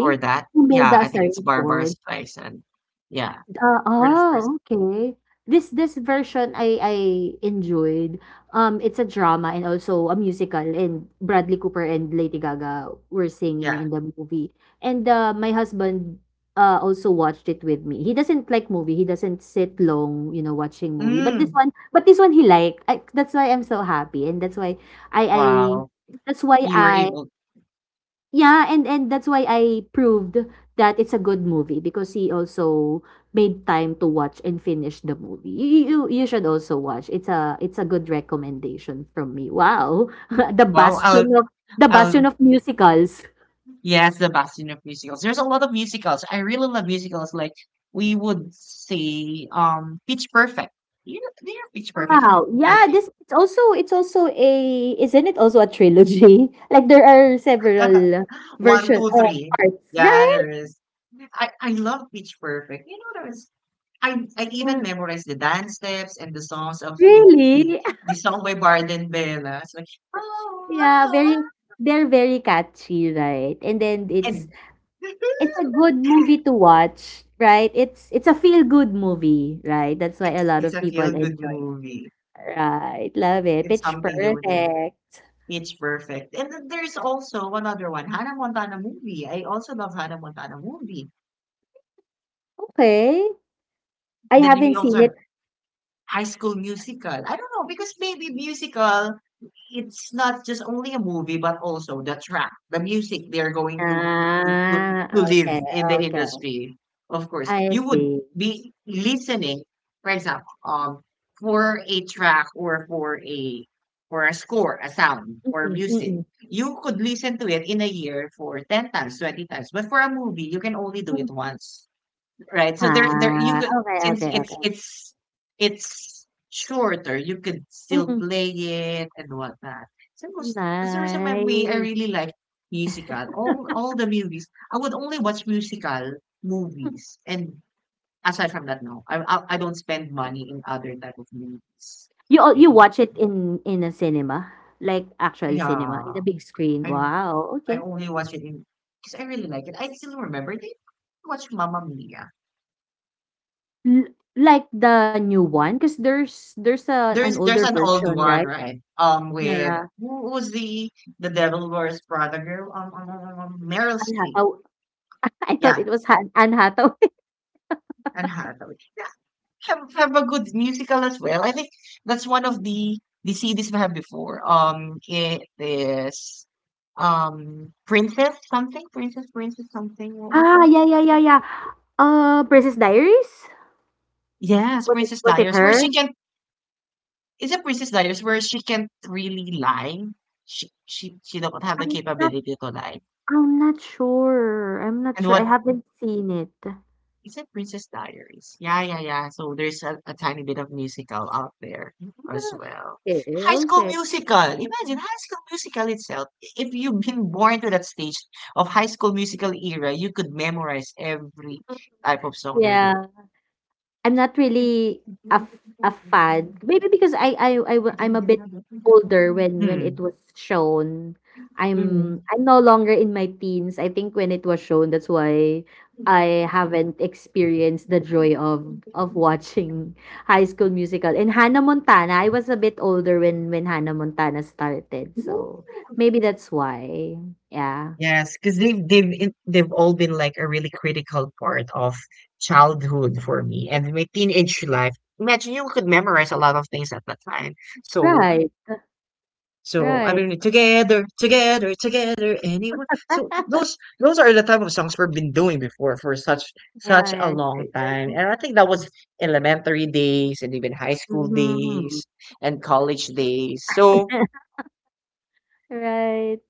Speaker 1: for that.
Speaker 2: Who made
Speaker 1: Yeah,
Speaker 2: The A
Speaker 1: I think
Speaker 2: Star
Speaker 1: it's
Speaker 2: Is
Speaker 1: Barbara
Speaker 2: Born?
Speaker 1: Streisand. Yeah,
Speaker 2: Ah,
Speaker 1: for the first.
Speaker 2: oh, okay. This version I enjoyed. It's a drama and also a musical, and Bradley Cooper and Lady Gaga were
Speaker 1: Yeah.
Speaker 2: singing in the movie. And my husband also watched it with me. He doesn't like movie. He doesn't sit long, watching movie. But this
Speaker 1: Mm.
Speaker 2: one, he liked. That's why I'm so happy, and that's why I
Speaker 1: Wow.
Speaker 2: that's why
Speaker 1: You were
Speaker 2: I
Speaker 1: able.
Speaker 2: yeah, and that's why I proved that it's a good movie, because he also made time to watch and finish the movie. You should also watch. It's a good recommendation from me. Wow. The
Speaker 1: Well, I'll,
Speaker 2: bastion of
Speaker 1: I'll,
Speaker 2: musicals.
Speaker 1: yes, the Bastion of musicals. There's a lot of musicals. I really love musicals. Like we would say, Pitch Perfect. You know, they are Pitch Perfect. Can
Speaker 2: Wow. Yeah,
Speaker 1: be
Speaker 2: this it's also a isn't it also a trilogy? Like, there are several
Speaker 1: One,
Speaker 2: version
Speaker 1: two, three.
Speaker 2: parts,
Speaker 1: Yeah,
Speaker 2: right?
Speaker 1: there is. I love Pitch Perfect. You know, there is. I even
Speaker 2: Yeah.
Speaker 1: memorized the dance steps and the songs of
Speaker 2: Really?
Speaker 1: the song by Barden Bella. It's like oh, oh,
Speaker 2: Yeah,
Speaker 1: oh,
Speaker 2: very they're very catchy, right? And then it's
Speaker 1: and
Speaker 2: It's a good movie to watch, right? It's a feel-good movie, right? That's why a
Speaker 1: it's
Speaker 2: lot
Speaker 1: it's
Speaker 2: of
Speaker 1: a
Speaker 2: people
Speaker 1: feel good
Speaker 2: enjoy it.
Speaker 1: movie.
Speaker 2: Right, love it.
Speaker 1: It's
Speaker 2: Pitch
Speaker 1: something new here.
Speaker 2: Perfect.
Speaker 1: It's perfect. And then there's also one other one, Hannah Montana movie. I also love Hannah Montana movie.
Speaker 2: Okay. I
Speaker 1: And then
Speaker 2: haven't
Speaker 1: we also
Speaker 2: seen
Speaker 1: have
Speaker 2: it.
Speaker 1: High School Musical. I don't know because maybe musical it's not just only a movie, but also the track, the music they're going to to, to,
Speaker 2: Ah,
Speaker 1: to live
Speaker 2: okay,
Speaker 1: in the
Speaker 2: okay.
Speaker 1: industry. Of course,
Speaker 2: I
Speaker 1: you would
Speaker 2: see.
Speaker 1: be listening, for example, for a track or for a score, a sound or
Speaker 2: Mm-mm,
Speaker 1: music.
Speaker 2: mm-mm,
Speaker 1: You could listen to it in a year for 10 times, 20 times, but for a movie, you can only do
Speaker 2: mm.
Speaker 1: it once. Right. So there you
Speaker 2: Ah,
Speaker 1: could
Speaker 2: okay,
Speaker 1: since
Speaker 2: okay,
Speaker 1: it's
Speaker 2: okay.
Speaker 1: it's it's shorter, you could still
Speaker 2: Mm-mm.
Speaker 1: play it and whatnot. So it was, that's the reason why we I
Speaker 2: Nice.
Speaker 1: really like musical. All the movies. I would only watch musical
Speaker 2: Mm.
Speaker 1: movies. And aside from that, no. I don't spend money in other type of movies.
Speaker 2: You
Speaker 1: And
Speaker 2: watch it in a cinema? Like, actual cinema, in
Speaker 1: yeah.
Speaker 2: a big screen.
Speaker 1: I
Speaker 2: Wow,
Speaker 1: I
Speaker 2: okay.
Speaker 1: only watch it in because I really like it. I still remember it. Watched Mamma Mia.
Speaker 2: L like the new one, cause there's a an
Speaker 1: There's
Speaker 2: older
Speaker 1: an old
Speaker 2: version,
Speaker 1: one,
Speaker 2: right?
Speaker 1: right? With
Speaker 2: Yeah,
Speaker 1: who was the Devil Wears Prada girl? Meryl
Speaker 2: Anne
Speaker 1: Streep.
Speaker 2: Hathaway. I thought
Speaker 1: Yeah,
Speaker 2: it was Han Anne Hathaway.
Speaker 1: and Hathaway. Yeah, have a good musical as well. I think that's one of the CDs we have before. It is Princess something, Princess something. What was
Speaker 2: Ah,
Speaker 1: it?
Speaker 2: yeah, yeah, yeah, yeah. Princess Diaries?
Speaker 1: Yes,
Speaker 2: Was it
Speaker 1: Princess
Speaker 2: was it
Speaker 1: Diaries, where
Speaker 2: her?
Speaker 1: she can. Is it Princess Diaries where she can't really lie? She don't have the
Speaker 2: I'm not
Speaker 1: capability to lie.
Speaker 2: I'm not sure. I'm not
Speaker 1: And
Speaker 2: sure. I
Speaker 1: what.
Speaker 2: haven't seen it.
Speaker 1: Is it Princess Diaries? Yeah, yeah, yeah. So there's a tiny bit of musical out there as
Speaker 2: Ah,
Speaker 1: well.
Speaker 2: okay,
Speaker 1: High School
Speaker 2: okay.
Speaker 1: Musical. Imagine High School Musical itself. If you've been born to that stage of High School Musical era, you could memorize every type of song they're
Speaker 2: Yeah.
Speaker 1: doing.
Speaker 2: I'm not really a fan. Maybe because I'm a bit older when it
Speaker 1: Hmm.
Speaker 2: was shown. I'm
Speaker 1: Mm.
Speaker 2: I'm no longer in my teens. I think when it was shown, that's why I haven't experienced the joy of watching High School Musical. And Hannah Montana, I was a bit older when Hannah Montana started, so maybe that's why. Yeah.
Speaker 1: Yes, because they've all been like a really critical part of childhood for me and my teenage life. Imagine you could memorize a lot of things at that time. So
Speaker 2: Right.
Speaker 1: so I
Speaker 2: Right.
Speaker 1: mean together, anyone. So those are the type of songs we've been doing before for such a
Speaker 2: Yeah, yeah,
Speaker 1: long time.
Speaker 2: sure.
Speaker 1: And I think that was elementary days and even high school
Speaker 2: Mhm.
Speaker 1: days and college days. So
Speaker 2: Right.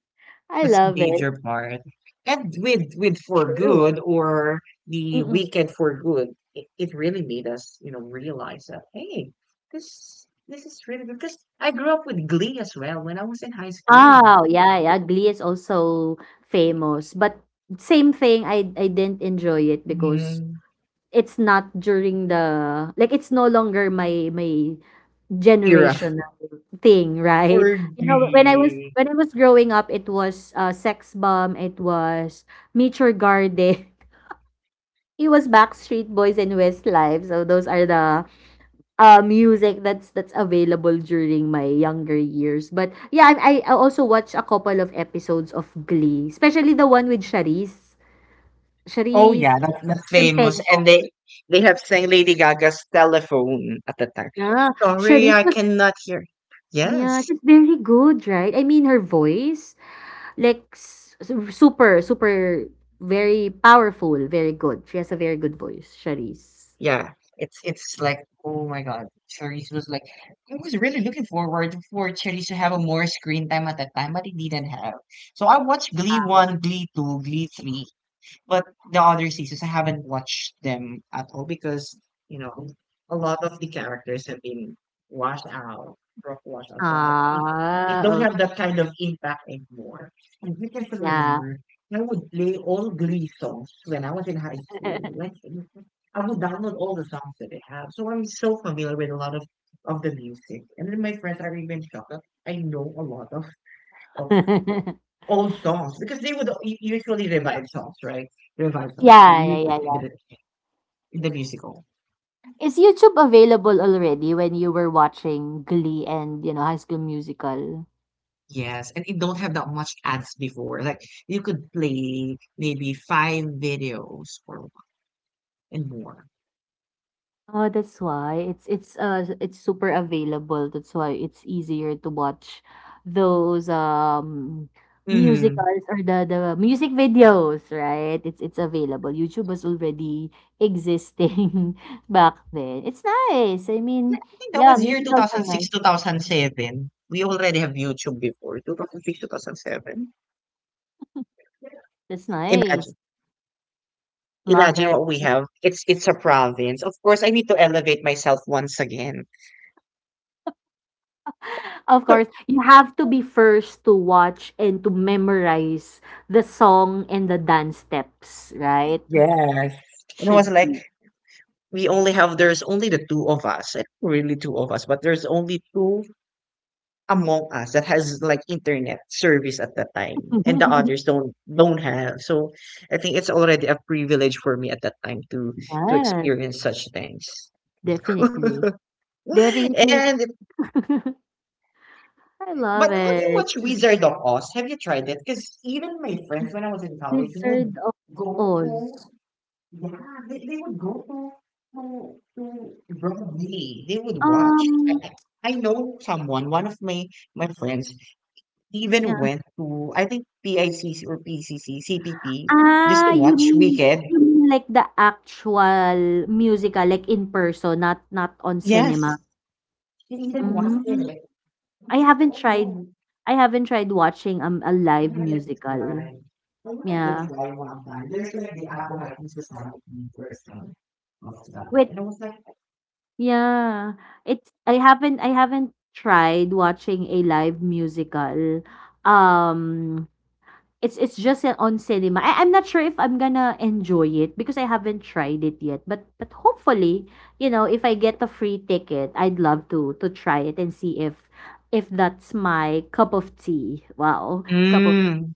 Speaker 2: I
Speaker 1: that's a
Speaker 2: love it.
Speaker 1: major part. And with For
Speaker 2: True.
Speaker 1: Good or the
Speaker 2: Mm-mm.
Speaker 1: Weekend for Good, it really made us, you know, realize that hey, this is really good. Because I grew up with Glee as well when I was in high school.
Speaker 2: Oh, yeah, yeah. Glee is also famous, but same thing. I didn't enjoy it
Speaker 1: Yeah,
Speaker 2: because it's not during the like, it's no longer my
Speaker 1: era.
Speaker 2: generation thing, right?
Speaker 1: for
Speaker 2: You know, when I was
Speaker 1: Glee.
Speaker 2: when I was growing up, it was Sex Bomb, it was Meet Your Garden, it was Backstreet Boys and Westlife. So those are the music that's available during my younger years. But yeah, I also watched a couple of episodes of Glee, especially the one with Charisse.
Speaker 1: Oh
Speaker 2: Charisse
Speaker 1: yeah, that's famous. And
Speaker 2: Tempenko.
Speaker 1: they have sang Lady Gaga's telephone at the time.
Speaker 2: Yeah,
Speaker 1: Sorry,
Speaker 2: Charisse
Speaker 1: I
Speaker 2: was
Speaker 1: cannot hear.
Speaker 2: yeah,
Speaker 1: Yes.
Speaker 2: she's very good, right? I mean, her voice, like, super very powerful, very good. She has a very good voice, Charisse.
Speaker 1: Yeah, it's like oh my god, Charisse was like I was really looking forward for Charisse to have a more screen time at that time, but it didn't have. So I watched Glee
Speaker 2: Um,
Speaker 1: one, Glee two, Glee three, but the other seasons, I haven't watched them at all you know, a lot of the characters have been washed out, rough washed out, but it
Speaker 2: Ah,
Speaker 1: don't have
Speaker 2: okay.
Speaker 1: that kind of impact anymore. And I can still
Speaker 2: Yeah.
Speaker 1: remember, I would play all Glee songs when I was in high school. Like, I would download all the songs that they have. So I'm so familiar with a lot of the music. And then my friends are even shocked that I know a lot of old songs because they would usually revive songs, right? Revive songs. You
Speaker 2: Yeah,
Speaker 1: use
Speaker 2: yeah,
Speaker 1: it
Speaker 2: yeah.
Speaker 1: in the musical.
Speaker 2: Is YouTube available already when you were watching Glee and, High School Musical?
Speaker 1: Yes, and it don't have that much ads before. Like you could play maybe 5 videos or and more.
Speaker 2: Oh, that's why it's super available. That's why it's easier to watch those
Speaker 1: Hmm.
Speaker 2: musicals or the music videos, right? It's available. YouTube was already existing back then. It's nice. I
Speaker 1: Yeah,
Speaker 2: mean,
Speaker 1: I think that
Speaker 2: yeah,
Speaker 1: was year
Speaker 2: musicals are
Speaker 1: 2006,
Speaker 2: nice.
Speaker 1: 2007. We already have YouTube before 2006, 2007.
Speaker 2: That's nice.
Speaker 1: Imagine,
Speaker 2: Love
Speaker 1: imagine
Speaker 2: it.
Speaker 1: what we have. It's a province. Of course, I need to elevate myself once again.
Speaker 2: Of course, you have to be first to watch and to memorize the song and the dance steps, right?
Speaker 1: Yes. And I was
Speaker 2: Should
Speaker 1: like,
Speaker 2: be.
Speaker 1: we only have there's only the two of us eh, really two of us but there's only two among us that has like internet service at that time and the others don't have, so I think it's already a privilege for me at that time to
Speaker 2: Yes,
Speaker 1: experience such things
Speaker 2: definitely.
Speaker 1: and
Speaker 2: Definitely. I
Speaker 1: but
Speaker 2: love
Speaker 1: have you
Speaker 2: it.
Speaker 1: watched wizard of oz, have you tried it because even my friends when I was in college would
Speaker 2: Wizard of
Speaker 1: go to.
Speaker 2: Oz.
Speaker 1: Yeah, they would go to to Broadway. They would watch.
Speaker 2: Um,
Speaker 1: I know someone, one of my friends, even
Speaker 2: yeah.
Speaker 1: went to I think PICC or PCCCPP just
Speaker 2: Ah,
Speaker 1: to
Speaker 2: you
Speaker 1: watch
Speaker 2: mean,
Speaker 1: Wicked.
Speaker 2: like, the actual musical, like, in person, not on cinema.
Speaker 1: Yes, he even watched it.
Speaker 2: Mm,
Speaker 1: Like, I
Speaker 2: I
Speaker 1: was like,
Speaker 2: haven't
Speaker 1: oh
Speaker 2: tried
Speaker 1: no,
Speaker 2: I haven't tried watching a live
Speaker 1: never let try.
Speaker 2: musical.
Speaker 1: I wanted to
Speaker 2: Yeah.
Speaker 1: try one time. There's like the Apple Society version of that,
Speaker 2: With
Speaker 1: and I was like,
Speaker 2: Yeah. It's I haven't tried watching a live musical. Um it's just on cinema. I'm not sure if I'm gonna enjoy it because I haven't tried it yet. But hopefully, if I get a free ticket, I'd love to try it and see if that's my cup of tea. Wow. cup
Speaker 1: mm,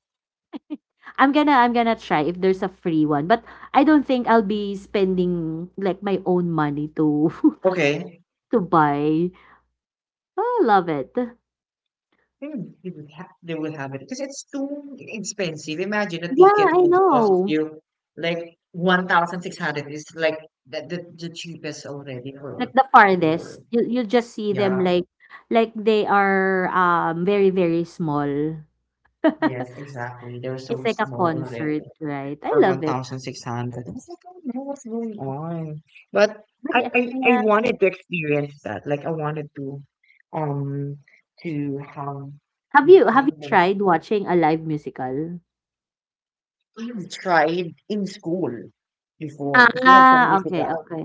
Speaker 2: I'm gonna try if there's a free one. But I don't think I'll be spending, like, my own money to
Speaker 1: okay.
Speaker 2: to buy. Oh, love it.
Speaker 1: They would, they would, they would have it because it's too expensive. Imagine a
Speaker 2: Yeah, I
Speaker 1: ticket would cost
Speaker 2: know.
Speaker 1: you like 1,600 is like the cheapest already
Speaker 2: Like, the
Speaker 1: for,
Speaker 2: farthest. You just see them
Speaker 1: yeah,
Speaker 2: like they are very, very small.
Speaker 1: yes, exactly. They're
Speaker 2: It's
Speaker 1: so
Speaker 2: like a
Speaker 1: small already
Speaker 2: concert, right? I
Speaker 1: for
Speaker 2: love it.
Speaker 1: 1,600. What's like going on. But
Speaker 2: But
Speaker 1: I, I, I
Speaker 2: yeah.
Speaker 1: wanted to experience that. Like I wanted um, to have
Speaker 2: Have
Speaker 1: this
Speaker 2: you have you
Speaker 1: kind of,
Speaker 2: tried watching a live musical?
Speaker 1: I tried in school before because we had some
Speaker 2: Ah,
Speaker 1: music.
Speaker 2: okay, okay.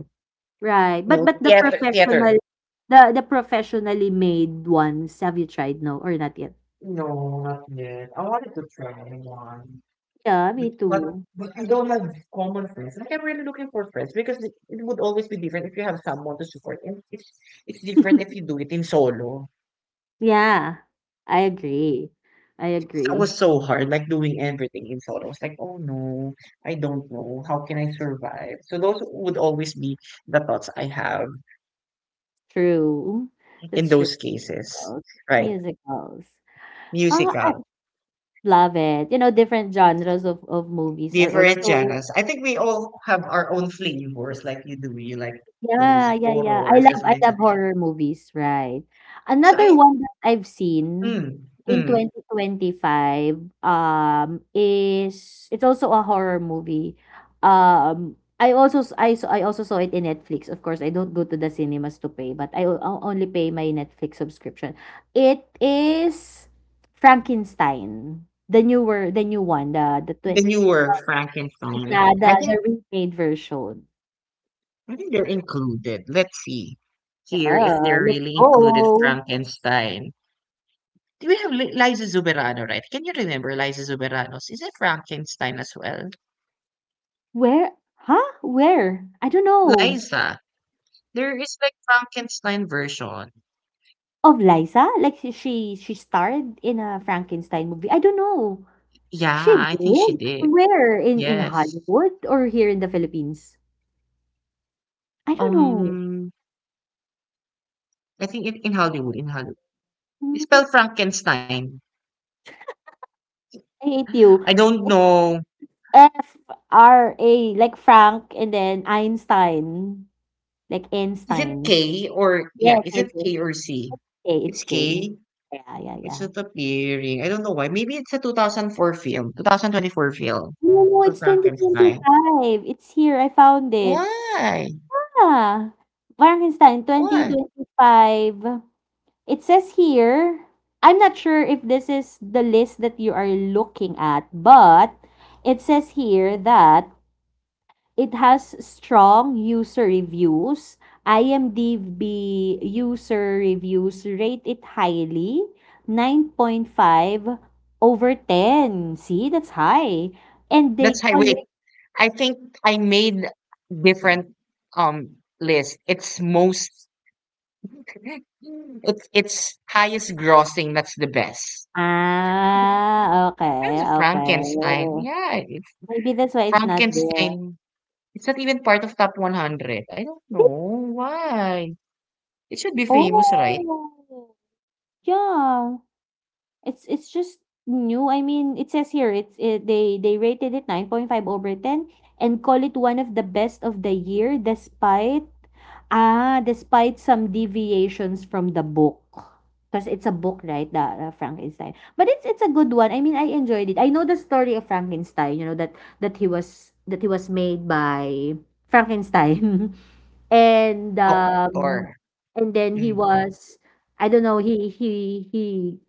Speaker 2: Right, but
Speaker 1: No,
Speaker 2: the professional
Speaker 1: theater.
Speaker 2: the the professionally made ones, have you tried? No, or not yet?
Speaker 1: No, not yet. I wanted to try one.
Speaker 2: Yeah,
Speaker 1: But,
Speaker 2: me
Speaker 1: but
Speaker 2: too.
Speaker 1: but I don't have common friends. Like I'm really looking for friends because it would always be different if you have someone to support, and it's different if you do it in solo.
Speaker 2: Yeah, I agree. I
Speaker 1: That was
Speaker 2: agree.
Speaker 1: so hard, like doing everything in solo. I was like, oh no, I don't know. How can I survive? So those would always be the thoughts I have
Speaker 2: True.
Speaker 1: in
Speaker 2: That's true.
Speaker 1: those cases, right?
Speaker 2: Musicals. Oh, I
Speaker 1: Musical.
Speaker 2: love it. Different genres of movies are
Speaker 1: Different
Speaker 2: also.
Speaker 1: genres. I think we all have our own flavors, like you do. You like
Speaker 2: Yeah,
Speaker 1: those
Speaker 2: yeah, yeah. I
Speaker 1: horrors,
Speaker 2: love
Speaker 1: as
Speaker 2: I love
Speaker 1: mentioned.
Speaker 2: horror movies, right.
Speaker 1: So
Speaker 2: Another one that I've seen
Speaker 1: mm,
Speaker 2: in
Speaker 1: mm,
Speaker 2: 2025, is it's also a horror movie. I also saw it in Netflix. Of course, I don't go to the cinemas to pay, but I only pay my Netflix subscription. It is Frankenstein, the new one,
Speaker 1: the newer Frankenstein.
Speaker 2: yeah, the the remade version.
Speaker 1: I think they're included. Let's see here if
Speaker 2: Yeah,
Speaker 1: they're
Speaker 2: let's
Speaker 1: really included
Speaker 2: go.
Speaker 1: Frankenstein. Do we have Liza Zuberano, right? Can you remember Liza Zuberano's? Is it Frankenstein as well?
Speaker 2: Where? Huh? Where? I don't know.
Speaker 1: Liza. There is like Frankenstein version.
Speaker 2: Of Liza? Like she starred in a Frankenstein movie. I don't know. She
Speaker 1: Yeah, I think she
Speaker 2: did?
Speaker 1: did.
Speaker 2: Where? In
Speaker 1: Yes.
Speaker 2: Hollywood or here in the Philippines? I don't know.
Speaker 1: Um, I think it in Hollywood, in Hollywood. It's
Speaker 2: Mm,
Speaker 1: spelled Frankenstein.
Speaker 2: I hate you.
Speaker 1: I don't
Speaker 2: It's
Speaker 1: know.
Speaker 2: F R A, like Frank, and then Einstein. Like
Speaker 1: Is it
Speaker 2: Einstein.
Speaker 1: K or yeah,
Speaker 2: Yes,
Speaker 1: is
Speaker 2: yes,
Speaker 1: it
Speaker 2: yes.
Speaker 1: K or C?
Speaker 2: K, it's
Speaker 1: It's
Speaker 2: K.
Speaker 1: K.
Speaker 2: Yeah, yeah,
Speaker 1: It's
Speaker 2: yeah.
Speaker 1: not appearing. I don't know why. Maybe it's a 2004 film, 2024 film
Speaker 2: No,
Speaker 1: for
Speaker 2: it's
Speaker 1: Frankenstein.
Speaker 2: 2025. It's here. I found it.
Speaker 1: Why?
Speaker 2: Yeah, Frankenstein
Speaker 1: Why?
Speaker 2: 2025. It says here, I'm not sure if this is the list that you are looking at, but it says here that it has strong user reviews. IMDb user reviews rate it highly, 9.5 over 10. See, that's high. And they
Speaker 1: That's high.
Speaker 2: call it,
Speaker 1: Wait, I think I made different list. It's most it's highest grossing. That's the best.
Speaker 2: okay,
Speaker 1: That's
Speaker 2: okay.
Speaker 1: Frankenstein. Yeah,
Speaker 2: Maybe that's why it's not there.
Speaker 1: Frankenstein. It's not even part of top 100. I don't know why. It should be famous, right?
Speaker 2: Oh, yeah. It's just new. I mean, it says here they rated it 9.5 over 10 and call it one of the best of the year, despite, despite some deviations from the book. Because it's a book, right? The Frankenstein. But it's a good one. I mean, I enjoyed it. I know the story of Frankenstein, that he was made by Frankenstein. And, um,
Speaker 1: Doctor.
Speaker 2: and then
Speaker 1: Mm.
Speaker 2: he was I don't know, he he he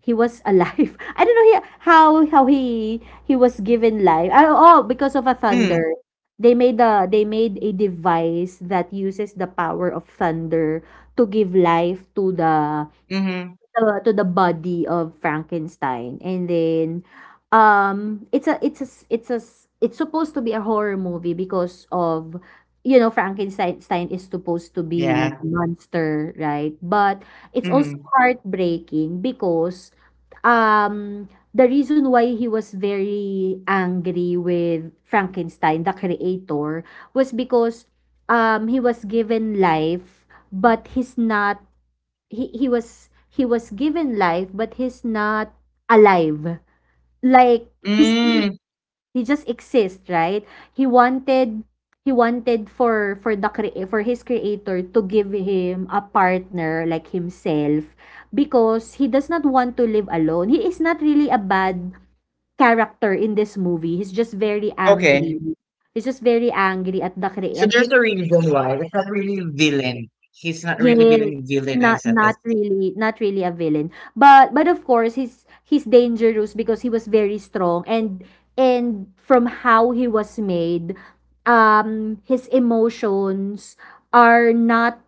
Speaker 2: he was alive. I don't know he how he was given life. Oh, oh, because of a thunder.
Speaker 1: Mm.
Speaker 2: They made a device that uses the power of thunder to give life to the
Speaker 1: Mm-hmm.
Speaker 2: the to the body of Frankenstein. And then it's a s- it's a s- it's supposed to be a horror movie because, of Frankenstein Stein is supposed to be like a
Speaker 1: Yeah.
Speaker 2: monster, right? But it's also
Speaker 1: Mm-hmm.
Speaker 2: heartbreaking because, um the reason why he was very angry with Frankenstein the creator was because, he was given life but he's not. He was given life but he's not alive. Like, he's he just,
Speaker 1: Mm.
Speaker 2: he just exists, right? He wanted, he wanted for his creator to give him a partner like himself, because he does not want to live alone. He is not really a bad character in this movie. He's just very
Speaker 1: Okay.
Speaker 2: angry. He's just very angry at
Speaker 1: So there's
Speaker 2: his
Speaker 1: a reason why. It's not really villain. He's not really
Speaker 2: Yes,
Speaker 1: villain, I
Speaker 2: not
Speaker 1: said this.
Speaker 2: not really not really a villain. But of course he's dangerous, because he was very strong, and from how he was made, his emotions are not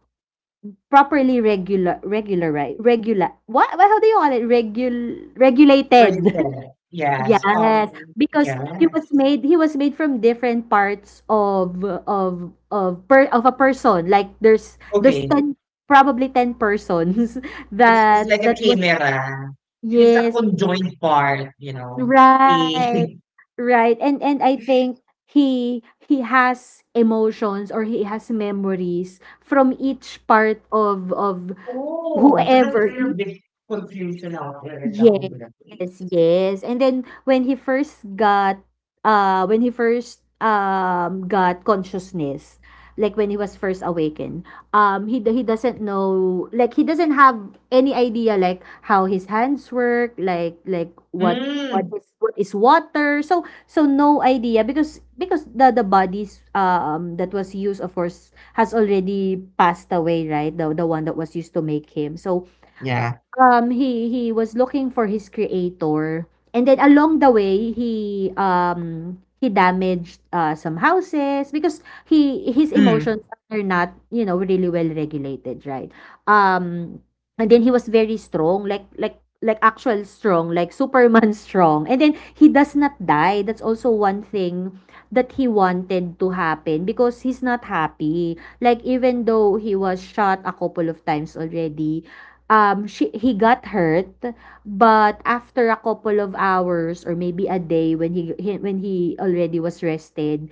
Speaker 2: properly regular, right? Regular, what, how do you call it? Regulated.
Speaker 1: Rated. Yes.
Speaker 2: Yes, because he
Speaker 1: Yeah.
Speaker 2: was made he was made from different parts of a person. Like, there's
Speaker 1: Okay.
Speaker 2: 10, probably 10 persons
Speaker 1: It's
Speaker 2: that
Speaker 1: like a
Speaker 2: that was.
Speaker 1: camera. He's a
Speaker 2: Yes,
Speaker 1: conjoined part, you know.
Speaker 2: right.
Speaker 1: A
Speaker 2: Right. And I think he has emotions, or he has memories from each part of
Speaker 1: Oh, so that's
Speaker 2: whoever.
Speaker 1: really a big confusion out there in the
Speaker 2: Yes,
Speaker 1: homeless place.
Speaker 2: yes. And then when he first got consciousness, like when he was first awakened. He doesn't know, like, he doesn't have any idea, like, how his hands work, like, what what
Speaker 1: Mm.
Speaker 2: is what is water. So no idea, because the bodies, that was used, of course, has already passed away, right? The one that was used to make him. So,
Speaker 1: Yeah.
Speaker 2: He was looking for his creator, and then along the way, he damaged, some houses, because he his
Speaker 1: Mm.
Speaker 2: emotions are not, really well regulated, right? Um, and then he was very strong, like, like actual strong, like Superman strong. And then he does not die. That's also one thing that he wanted to happen, because he's not happy. Like, even though he was shot a couple of times already, she he got hurt, but after a couple of hours, or maybe a day, when he already was rested,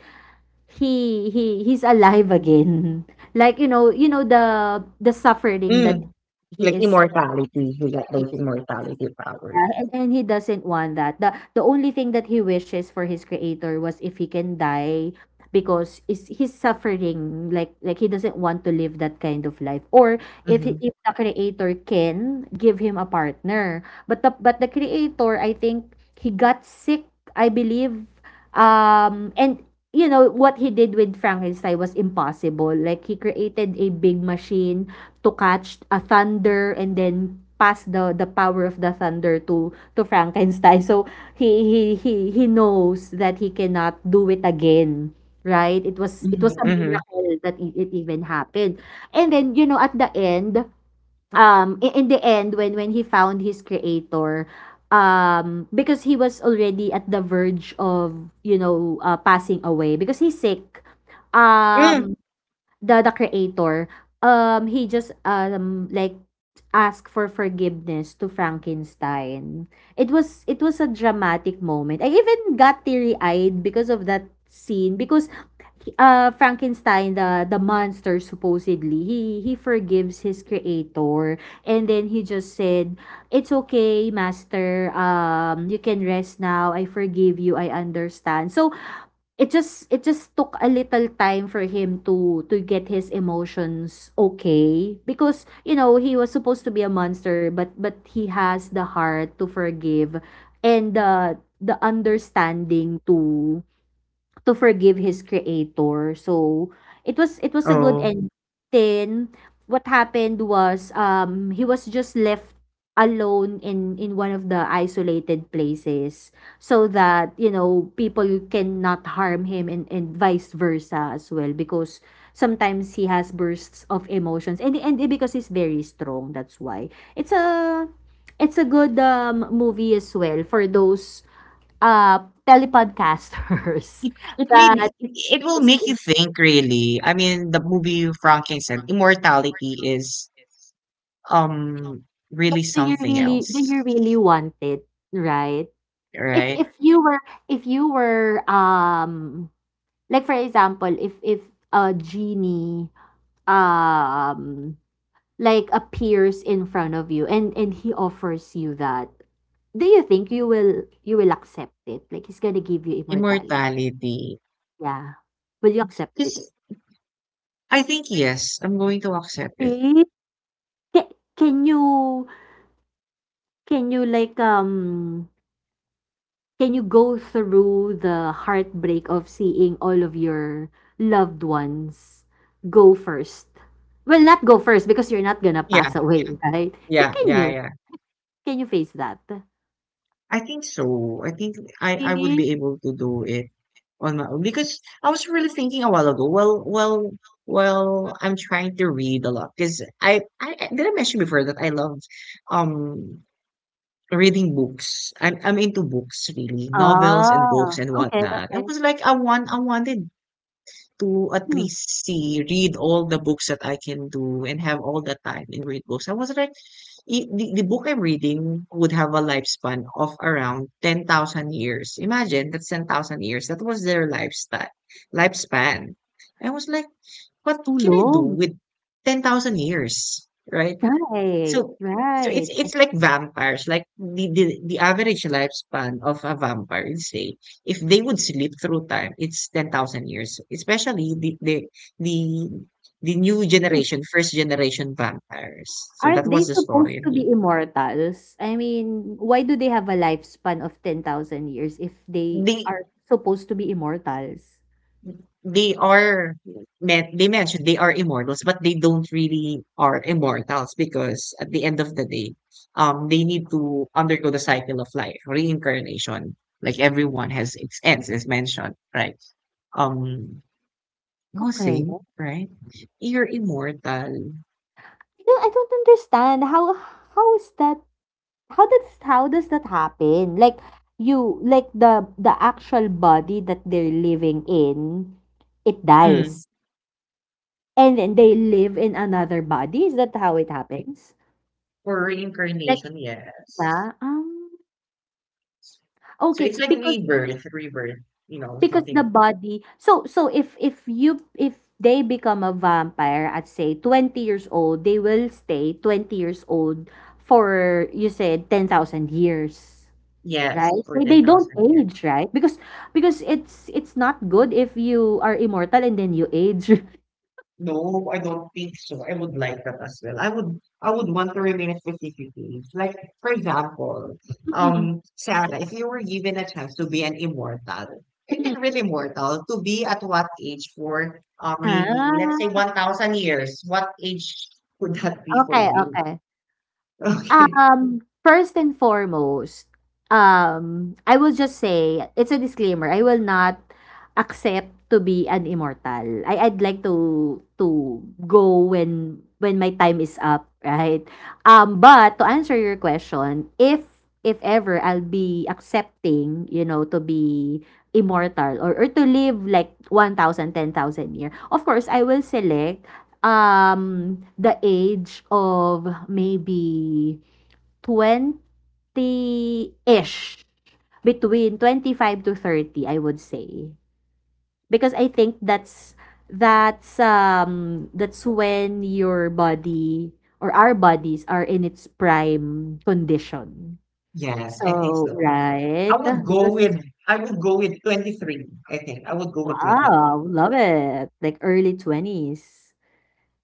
Speaker 2: he's alive again. Like, you know, the suffering that
Speaker 1: Mm.
Speaker 2: he
Speaker 1: Like
Speaker 2: is.
Speaker 1: immortality. You get those immortality powers.
Speaker 2: Yeah, and he doesn't want that. The only thing that he wishes for his creator was if he can die, because is he's suffering, like, he doesn't want to live that kind of life, or
Speaker 1: Mm-hmm.
Speaker 2: if the creator can give him a partner. But the creator, I think, he got sick, I believe. And, you know, what he did with Frankenstein was impossible. Like, he created a big machine to catch a thunder, and then pass the power of the thunder to Frankenstein. So he knows that he cannot do it again, right? It was
Speaker 1: Mhm.
Speaker 2: a
Speaker 1: Mm-hmm.
Speaker 2: miracle that it even happened. And then, you know, at the end, in the end, when he found his creator, because he was already at the verge of, you know, passing away because he's sick.
Speaker 1: Mm.
Speaker 2: um the creator, he just, asked for forgiveness to Frankenstein. It was a dramatic moment. I even got teary-eyed because of that scene, because Frankenstein, the monster, supposedly, he forgives his creator, and then he just said, "It's okay, master. You can rest now. I forgive you. I understand." So it just took a little time for him to get his emotions okay, because, you know, he was supposed to be a monster, but he has the heart to forgive, and the understanding to forgive his creator. So, it was a good
Speaker 1: Oh,
Speaker 2: end. Then what happened was, he was just left alone in one of the isolated places, so that, you know, people cannot harm him, and vice versa as well, because sometimes he has bursts of emotions, and because he's very strong, that's why. It's a it's a good movie as well for those, uh, telepodcasters,
Speaker 1: It, it made
Speaker 2: that,
Speaker 1: me- it will make you think really. I mean, the movie Frankenstein immortality is um
Speaker 2: like,
Speaker 1: really
Speaker 2: do you
Speaker 1: something
Speaker 2: really do you
Speaker 1: else,
Speaker 2: really want it, right? If
Speaker 1: right?
Speaker 2: if you were, if you were um like, for example, if, a genie, um like, appears in front of you, and he offers you that, do you think you will accept it? Like, he's gonna give you immortality.
Speaker 1: Immortality.
Speaker 2: Yeah. Will you accept it?
Speaker 1: Because I think yes, I'm going to accept it.
Speaker 2: See? Ca- Can you Can you, like, can you go through the heartbreak of seeing all of your loved ones go first? Well, not go first, because you're not gonna
Speaker 1: Yeah,
Speaker 2: pass away. Yeah, right? Can,
Speaker 1: yeah,
Speaker 2: can
Speaker 1: yeah,
Speaker 2: Yeah. you
Speaker 1: yeah.
Speaker 2: can you face that?
Speaker 1: I think so. I think I would
Speaker 2: Mhm.
Speaker 1: be able to do it on my own because I was really thinking a while ago. Well, I'm trying to read a lot because did I mention before that I love um reading books. I'm into books really, novels and
Speaker 2: Ah,
Speaker 1: books and
Speaker 2: okay,
Speaker 1: whatnot. I
Speaker 2: okay.
Speaker 1: was like I want I wanted to at
Speaker 2: Hmm,
Speaker 1: least see read all the books that I can do and have all the time and read books. I was like the book I'm reading would have a lifespan of around 10,000 years. Imagine that's 10,000 years. That was their lifespan. I was like,
Speaker 2: it's
Speaker 1: what
Speaker 2: too
Speaker 1: can I do
Speaker 2: long.
Speaker 1: with 10,000 years? Right?
Speaker 2: Right,
Speaker 1: So, so
Speaker 2: right.
Speaker 1: it's like vampires. Like the average lifespan of a vampire, let's say, if they would sleep through time, it's 10,000 years. Especially the, the new
Speaker 2: Hmm.
Speaker 1: generation, first generation vampires. So that
Speaker 2: Aren't
Speaker 1: was
Speaker 2: they
Speaker 1: the
Speaker 2: supposed
Speaker 1: story.
Speaker 2: to be immortals? I mean, why do they have a lifespan of 10,000 years if they
Speaker 1: They
Speaker 2: are supposed to be immortals?
Speaker 1: they are they mentioned they are immortals, but they don't really are immortals because at the end of the day, they need to undergo the cycle of life, reincarnation. Like everyone has its ends, as mentioned, right? Um, I was
Speaker 2: Okay.
Speaker 1: saying, right? You're immortal.
Speaker 2: I don't understand how is that how does that happen? Like, the actual body that they're living in, it
Speaker 1: Mm.
Speaker 2: dies. And then they live in another body. Is that how it happens?
Speaker 1: For
Speaker 2: Like,
Speaker 1: reincarnation, yes.
Speaker 2: yeah.
Speaker 1: So
Speaker 2: Okay,
Speaker 1: it's like rebirth,
Speaker 2: because the
Speaker 1: something.
Speaker 2: body so so if you if they become a vampire at, say, 20 years old, they will stay 20 years old for, you said, 10,000 years.
Speaker 1: Yes,
Speaker 2: Right?
Speaker 1: for
Speaker 2: They don't
Speaker 1: 10,000 years.
Speaker 2: age, right? Because it's not good if you are immortal and then you age.
Speaker 1: No, I don't think so. I would like that as well. I would want to remain a specific age. Like for example,
Speaker 2: Mm-mm.
Speaker 1: Sarah, if you were given a chance to be an immortal, and
Speaker 2: Mm.
Speaker 1: not really immortal, to be at what age for maybe let's say
Speaker 2: Ah,
Speaker 1: 1,000 years, what age would that be for
Speaker 2: okay,
Speaker 1: you?
Speaker 2: okay.
Speaker 1: Okay.
Speaker 2: First and foremost, I will just say, it's a disclaimer, I will not accept to be an immortal. I'd like to go when my time is up, right? But to answer your question, if ever I'll be accepting, you know, to be immortal, or to live like 1,000, 10,000 year, of course, I will select the age of maybe 20 ish, between 25 to 30, I would say. Because I think that's when your body, or our bodies, are in its prime condition.
Speaker 1: Yes, I think
Speaker 2: So,
Speaker 1: so. I
Speaker 2: right?
Speaker 1: would go
Speaker 2: Because,
Speaker 1: with I would go with 23, I think. I would go with 23.
Speaker 2: wow, love it. Like, early twenties.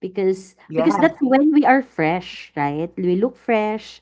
Speaker 2: Because
Speaker 1: Yes.
Speaker 2: that's when we are fresh, right? We look fresh,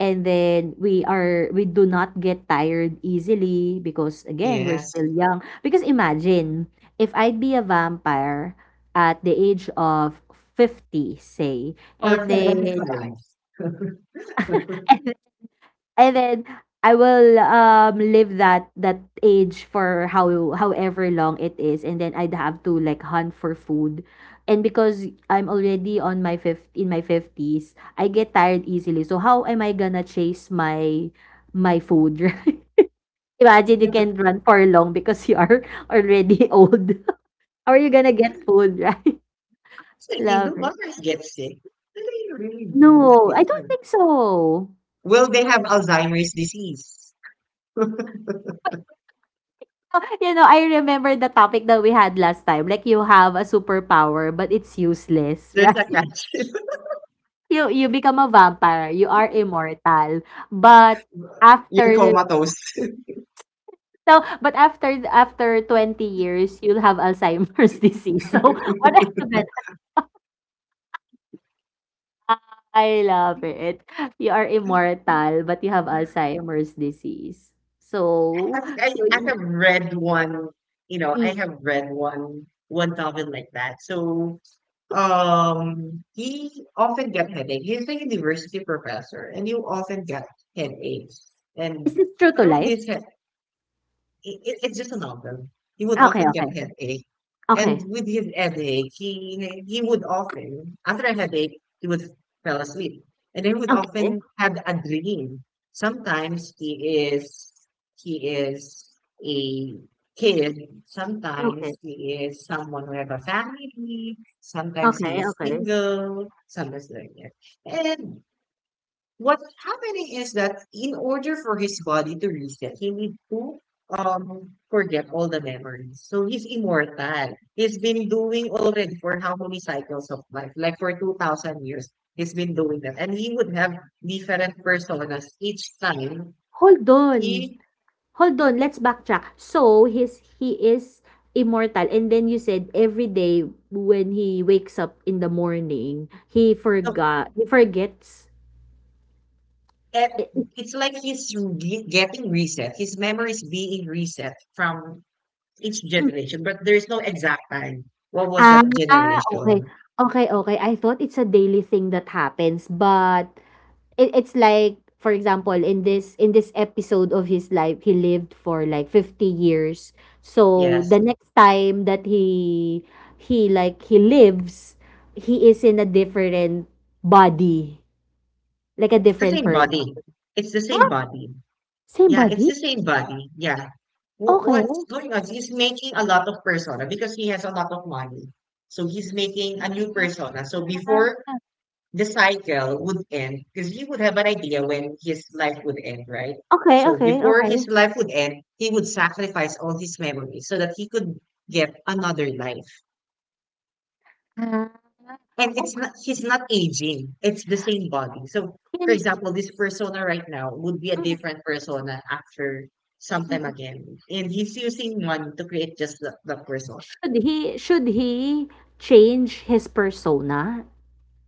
Speaker 2: and then we do not get tired easily, because, again, we're
Speaker 1: Yes.
Speaker 2: still young. Because imagine if I'd be a vampire at the age of 50, say,
Speaker 1: Or
Speaker 2: and then.
Speaker 1: 75.
Speaker 2: And then I will, live that age for, however long it is, and then I'd have to, like, hunt for food. And because I'm already on my fifth in my fifties, I get tired easily. So how am I gonna chase my food, right? Imagine you can't run for long because you are already old. How are you gonna get food, right? I
Speaker 1: Certainly,
Speaker 2: love
Speaker 1: the
Speaker 2: it.
Speaker 1: virus gets sick. Do they really do
Speaker 2: No, I
Speaker 1: sick?
Speaker 2: don't think so.
Speaker 1: Will they have Alzheimer's disease?
Speaker 2: You know, I remember the topic that we had last time. Like, you have a superpower, but it's useless,
Speaker 1: There's a
Speaker 2: right?
Speaker 1: catch.
Speaker 2: You become a vampire. You are immortal, but
Speaker 1: You're
Speaker 2: after the
Speaker 1: comatose.
Speaker 2: so but after after 20 years, you'll have Alzheimer's disease. So what are you gonna? I love it. You are immortal, but you have Alzheimer's disease. So
Speaker 1: I think
Speaker 2: so
Speaker 1: I, I have read one, you know, I
Speaker 2: mm,
Speaker 1: have read one topic like that. So he often get headache. He's a university professor and you often get headaches.
Speaker 2: is
Speaker 1: And
Speaker 2: this true to
Speaker 1: through
Speaker 2: life?
Speaker 1: this it's just a novel. He would
Speaker 2: Okay,
Speaker 1: often get
Speaker 2: okay,
Speaker 1: headache, and
Speaker 2: okay,
Speaker 1: with his headache, he would often after a headache he would fell asleep, and he would
Speaker 2: okay,
Speaker 1: often had a dream. Sometimes he is a kid. Sometimes
Speaker 2: okay,
Speaker 1: he is someone who have a family. Sometimes he
Speaker 2: okay,
Speaker 1: is
Speaker 2: okay.
Speaker 1: single. Sometimes like that, and what's happening is that in order for his body to reset, he needs to forget all the memories. So he's immortal. He's been doing already for how many cycles of life? Like for 2,000 years, he's been doing that, and he would have different personas each time
Speaker 2: Hold on,
Speaker 1: he.
Speaker 2: hold on, let's backtrack. So, his he is immortal, and then you said every day when he wakes up in the morning, he
Speaker 1: No,
Speaker 2: forgot he forgets.
Speaker 1: and
Speaker 2: Eh,
Speaker 1: it's like getting reset. His memory is being reset from each
Speaker 2: mm.
Speaker 1: generation, but there's no exact time. What was
Speaker 2: Ah,
Speaker 1: that
Speaker 2: okay.
Speaker 1: generation?
Speaker 2: Okey, okey. I thought it's a daily thing that happens, but it's like, for example, in this episode of his life, he lived for like 50 years, so
Speaker 1: Yes.
Speaker 2: the next time that he lives, he is in a different body, like a
Speaker 1: It's the
Speaker 2: different
Speaker 1: same
Speaker 2: person.
Speaker 1: body. It's the same
Speaker 2: Ah,
Speaker 1: body.
Speaker 2: same
Speaker 1: Yeah, it's
Speaker 2: body.
Speaker 1: the same body. Yeah.
Speaker 2: Okay,
Speaker 1: What's going on? He's making a lot of persona because he has a lot of money. So he's making a new persona. So before the cycle would end, because he would have an idea when his life would end, right?
Speaker 2: okay,
Speaker 1: So
Speaker 2: okay,
Speaker 1: before
Speaker 2: okay.
Speaker 1: his life would end, he would sacrifice all his memories so that he could get another life.
Speaker 2: Ah,
Speaker 1: And it's
Speaker 2: okay.
Speaker 1: not, he's not aging, it's the same body. So for
Speaker 2: Then,
Speaker 1: example, this persona right now would be a
Speaker 2: mm,
Speaker 1: different persona after some
Speaker 2: mm,
Speaker 1: time
Speaker 2: mm.
Speaker 1: again, and he's using money to create just the persona.
Speaker 2: Should he change his persona,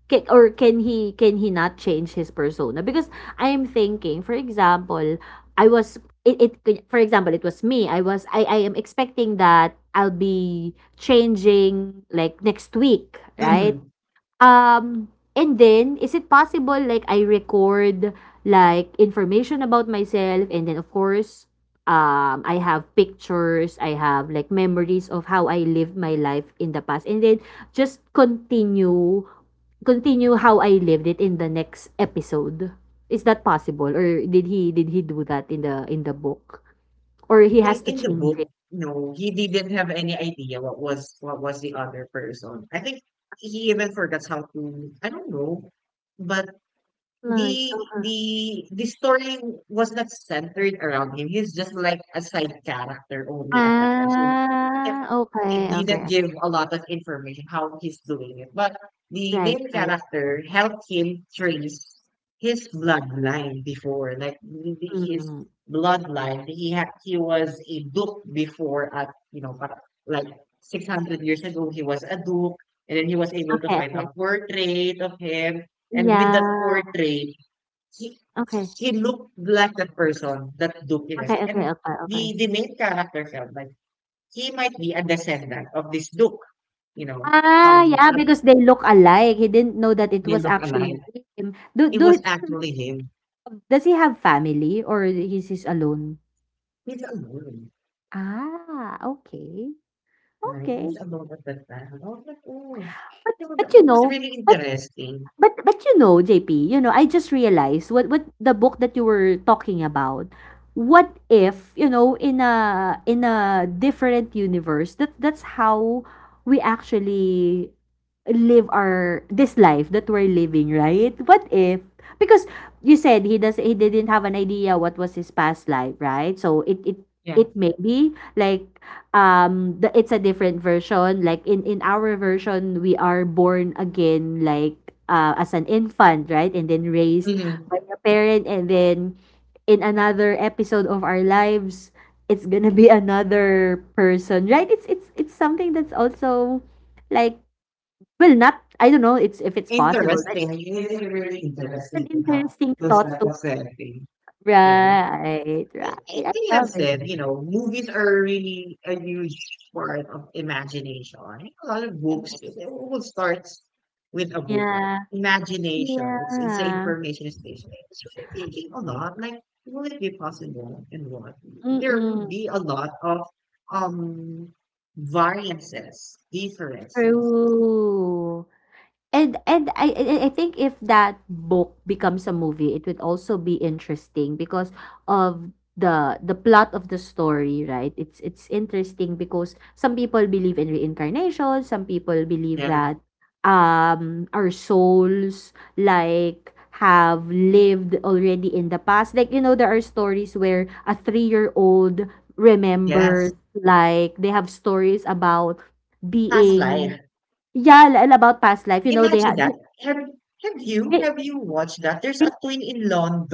Speaker 2: or can he, not change his persona, because I am thinking, for example, I was. It for example It was me. I was. I am expecting that I'll be changing, like, next week, right?
Speaker 1: Hmm.
Speaker 2: Um, and then, is it possible, like, I record, like, information about myself, and then, of course, I have pictures, I have, like, memories of how I lived my life in the past, and then just continue, how I lived it in the next episode. Is that possible, or did he do that in the book, or he
Speaker 1: in,
Speaker 2: has to
Speaker 1: in the
Speaker 2: change it?
Speaker 1: book, no, he didn't have any idea what was the other person. I think he even forgets how to, I don't know. But
Speaker 2: Like,
Speaker 1: the
Speaker 2: uh-huh.
Speaker 1: the the story was not centered around him. He's just like a side character only at that time. So if
Speaker 2: Ah,
Speaker 1: it
Speaker 2: okay, okay.
Speaker 1: didn't
Speaker 2: Okay.
Speaker 1: give a lot of information how he's doing it. But the
Speaker 2: Right,
Speaker 1: main
Speaker 2: right.
Speaker 1: character helped him trace his bloodline before. Like his
Speaker 2: Mm.
Speaker 1: bloodline, he was a duke before at you know like 600 years ago he was a duke, and then he was able to
Speaker 2: Okay,
Speaker 1: find a
Speaker 2: okay.
Speaker 1: portrait of him, and with that
Speaker 2: Yeah,
Speaker 1: portrait, he
Speaker 2: okay.
Speaker 1: he looked like the person that Duke is.
Speaker 2: Okay, okay,
Speaker 1: And
Speaker 2: okay, okay.
Speaker 1: the main character felt like he might be a descendant of this Duke, you know.
Speaker 2: Ah, yeah,
Speaker 1: At
Speaker 2: because they look alike. He didn't know that it
Speaker 1: They
Speaker 2: was
Speaker 1: look alike.
Speaker 2: actually him. Do
Speaker 1: It was
Speaker 2: do
Speaker 1: actually him.
Speaker 2: Does he have family, or he's alone?
Speaker 1: He's alone.
Speaker 2: Ah, okay.
Speaker 1: Right? He's
Speaker 2: Okay.
Speaker 1: alone at that time. I was like, oh.
Speaker 2: But
Speaker 1: It was,
Speaker 2: but you
Speaker 1: it was
Speaker 2: know
Speaker 1: really interesting.
Speaker 2: but you know, JP, you know, I just realized what, the book that you were talking about. What if, you know, in a different universe, that's how we actually live our this life that we're living, right? What if, because, you said, he didn't have an idea what was his past life, right? So
Speaker 1: Yeah.
Speaker 2: it may be like, the it's a different version, like, in our version, we are born again, like, as an infant, right, and then raised
Speaker 1: Mhm.
Speaker 2: by a parent, and then in another episode of our lives, it's gonna be another person, right? It's something that's also, like, well, not, I don't know, it's, if it's possible, right?
Speaker 1: Interesting. It is really interesting
Speaker 2: It's an
Speaker 1: to have
Speaker 2: interesting
Speaker 1: those
Speaker 2: thought
Speaker 1: type
Speaker 2: to.
Speaker 1: of setting. Right?
Speaker 2: Right, right. I
Speaker 1: They have
Speaker 2: love it.
Speaker 1: said, you know, movies are really a huge part of imagination. A lot of books, it will start with a book, like
Speaker 2: Yeah,
Speaker 1: imagination. It's the
Speaker 2: yeah.
Speaker 1: information station. It's really thinking a lot, like, will it be possible and what? There would
Speaker 2: Mm-mm.
Speaker 1: be a lot of um variances, differences.
Speaker 2: True. And I think if that book becomes a movie, it would also be interesting, because of the plot of the story, right? It's interesting because some people believe in reincarnation, some people believe
Speaker 1: Yeah.
Speaker 2: that our souls, like, have lived already in the past. Like, you know, there are stories where a 3-year-old
Speaker 1: Yes.
Speaker 2: remembers, like, they have stories about
Speaker 1: Past
Speaker 2: being.
Speaker 1: life.
Speaker 2: Yeah, li and about past life, you know, they
Speaker 1: Imagine
Speaker 2: have
Speaker 1: that. Have have you
Speaker 2: they
Speaker 1: have you watched that? There's
Speaker 2: they
Speaker 1: a twin in London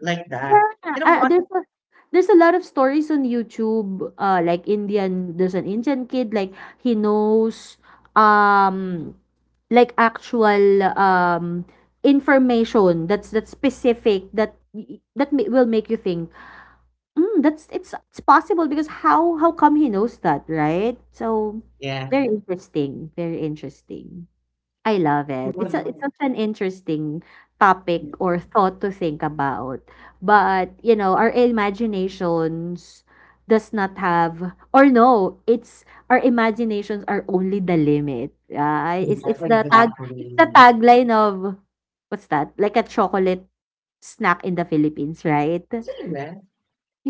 Speaker 1: like that.
Speaker 2: yeah,
Speaker 1: You know
Speaker 2: ah,
Speaker 1: what?
Speaker 2: there's a, there's a lot of stories on YouTube, like, Indian there's an Indian kid, like, he knows, um, like, actual, information that's specific, that y that ma will make you think, "Hmm, that's it's possible, because how come he knows that," right? So,
Speaker 1: Yeah,
Speaker 2: very interesting, very interesting. I love
Speaker 1: it
Speaker 2: it.
Speaker 1: was like,
Speaker 2: It's such an interesting topic
Speaker 1: yes,
Speaker 2: or thought to think about. But, you know, our imaginations does not have, or, no, it's, our imaginations are only the limit. Yeah, it's
Speaker 1: exactly.
Speaker 2: the tag, it's the tagline of, what's that? Like, a chocolate snack in the Philippines, right?
Speaker 1: Isn't that?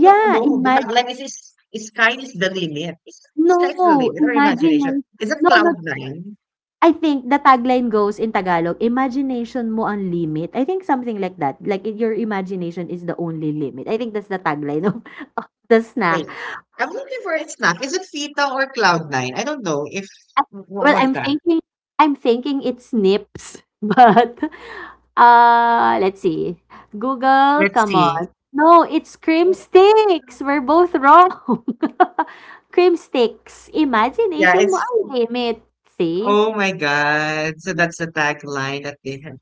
Speaker 1: No, no. The
Speaker 2: imagine.
Speaker 1: fact like is sky is the limit. Is sky is the
Speaker 2: No,
Speaker 1: limit or imagination?
Speaker 2: imagination.
Speaker 1: Is it
Speaker 2: No, no.
Speaker 1: cloud nine?
Speaker 2: I think the tagline goes in Tagalog, "Imagination mo ang limit." I think something like that. Like, your imagination is the only limit. I think that's the tagline of of the
Speaker 1: Wait,
Speaker 2: snack.
Speaker 1: I'm looking for a snack. Is it Fita or cloud nine? I don't know if
Speaker 2: Ah,
Speaker 1: what
Speaker 2: well,
Speaker 1: was
Speaker 2: I'm
Speaker 1: that.
Speaker 2: thinking, it's nips, but, let's see. Google,
Speaker 1: Let's
Speaker 2: come
Speaker 1: see.
Speaker 2: on. No, it's cream sticks. We're both wrong. Cream sticks.
Speaker 1: Yeah,
Speaker 2: Imagination mo
Speaker 1: it's,
Speaker 2: ang limit. See?
Speaker 1: oh my god. So that's the tagline that they have.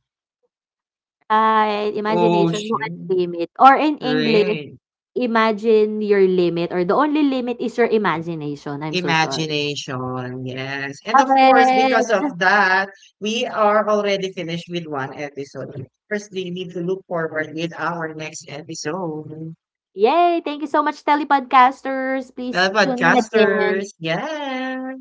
Speaker 2: Ah, imagination mo ang
Speaker 1: Ocean,
Speaker 2: limit, or in English,
Speaker 1: rain,
Speaker 2: imagine your limit, or the only limit is your imagination. I'm so sorry.
Speaker 1: imagination, yes. And
Speaker 2: Love
Speaker 1: of course, because
Speaker 2: it.
Speaker 1: of that, we are already finished with one episode. First, we need to look forward with our next episode.
Speaker 2: Yay! Thank you so much, Telepodcasters. Please
Speaker 1: The
Speaker 2: tune in again.
Speaker 1: podcasters, yes.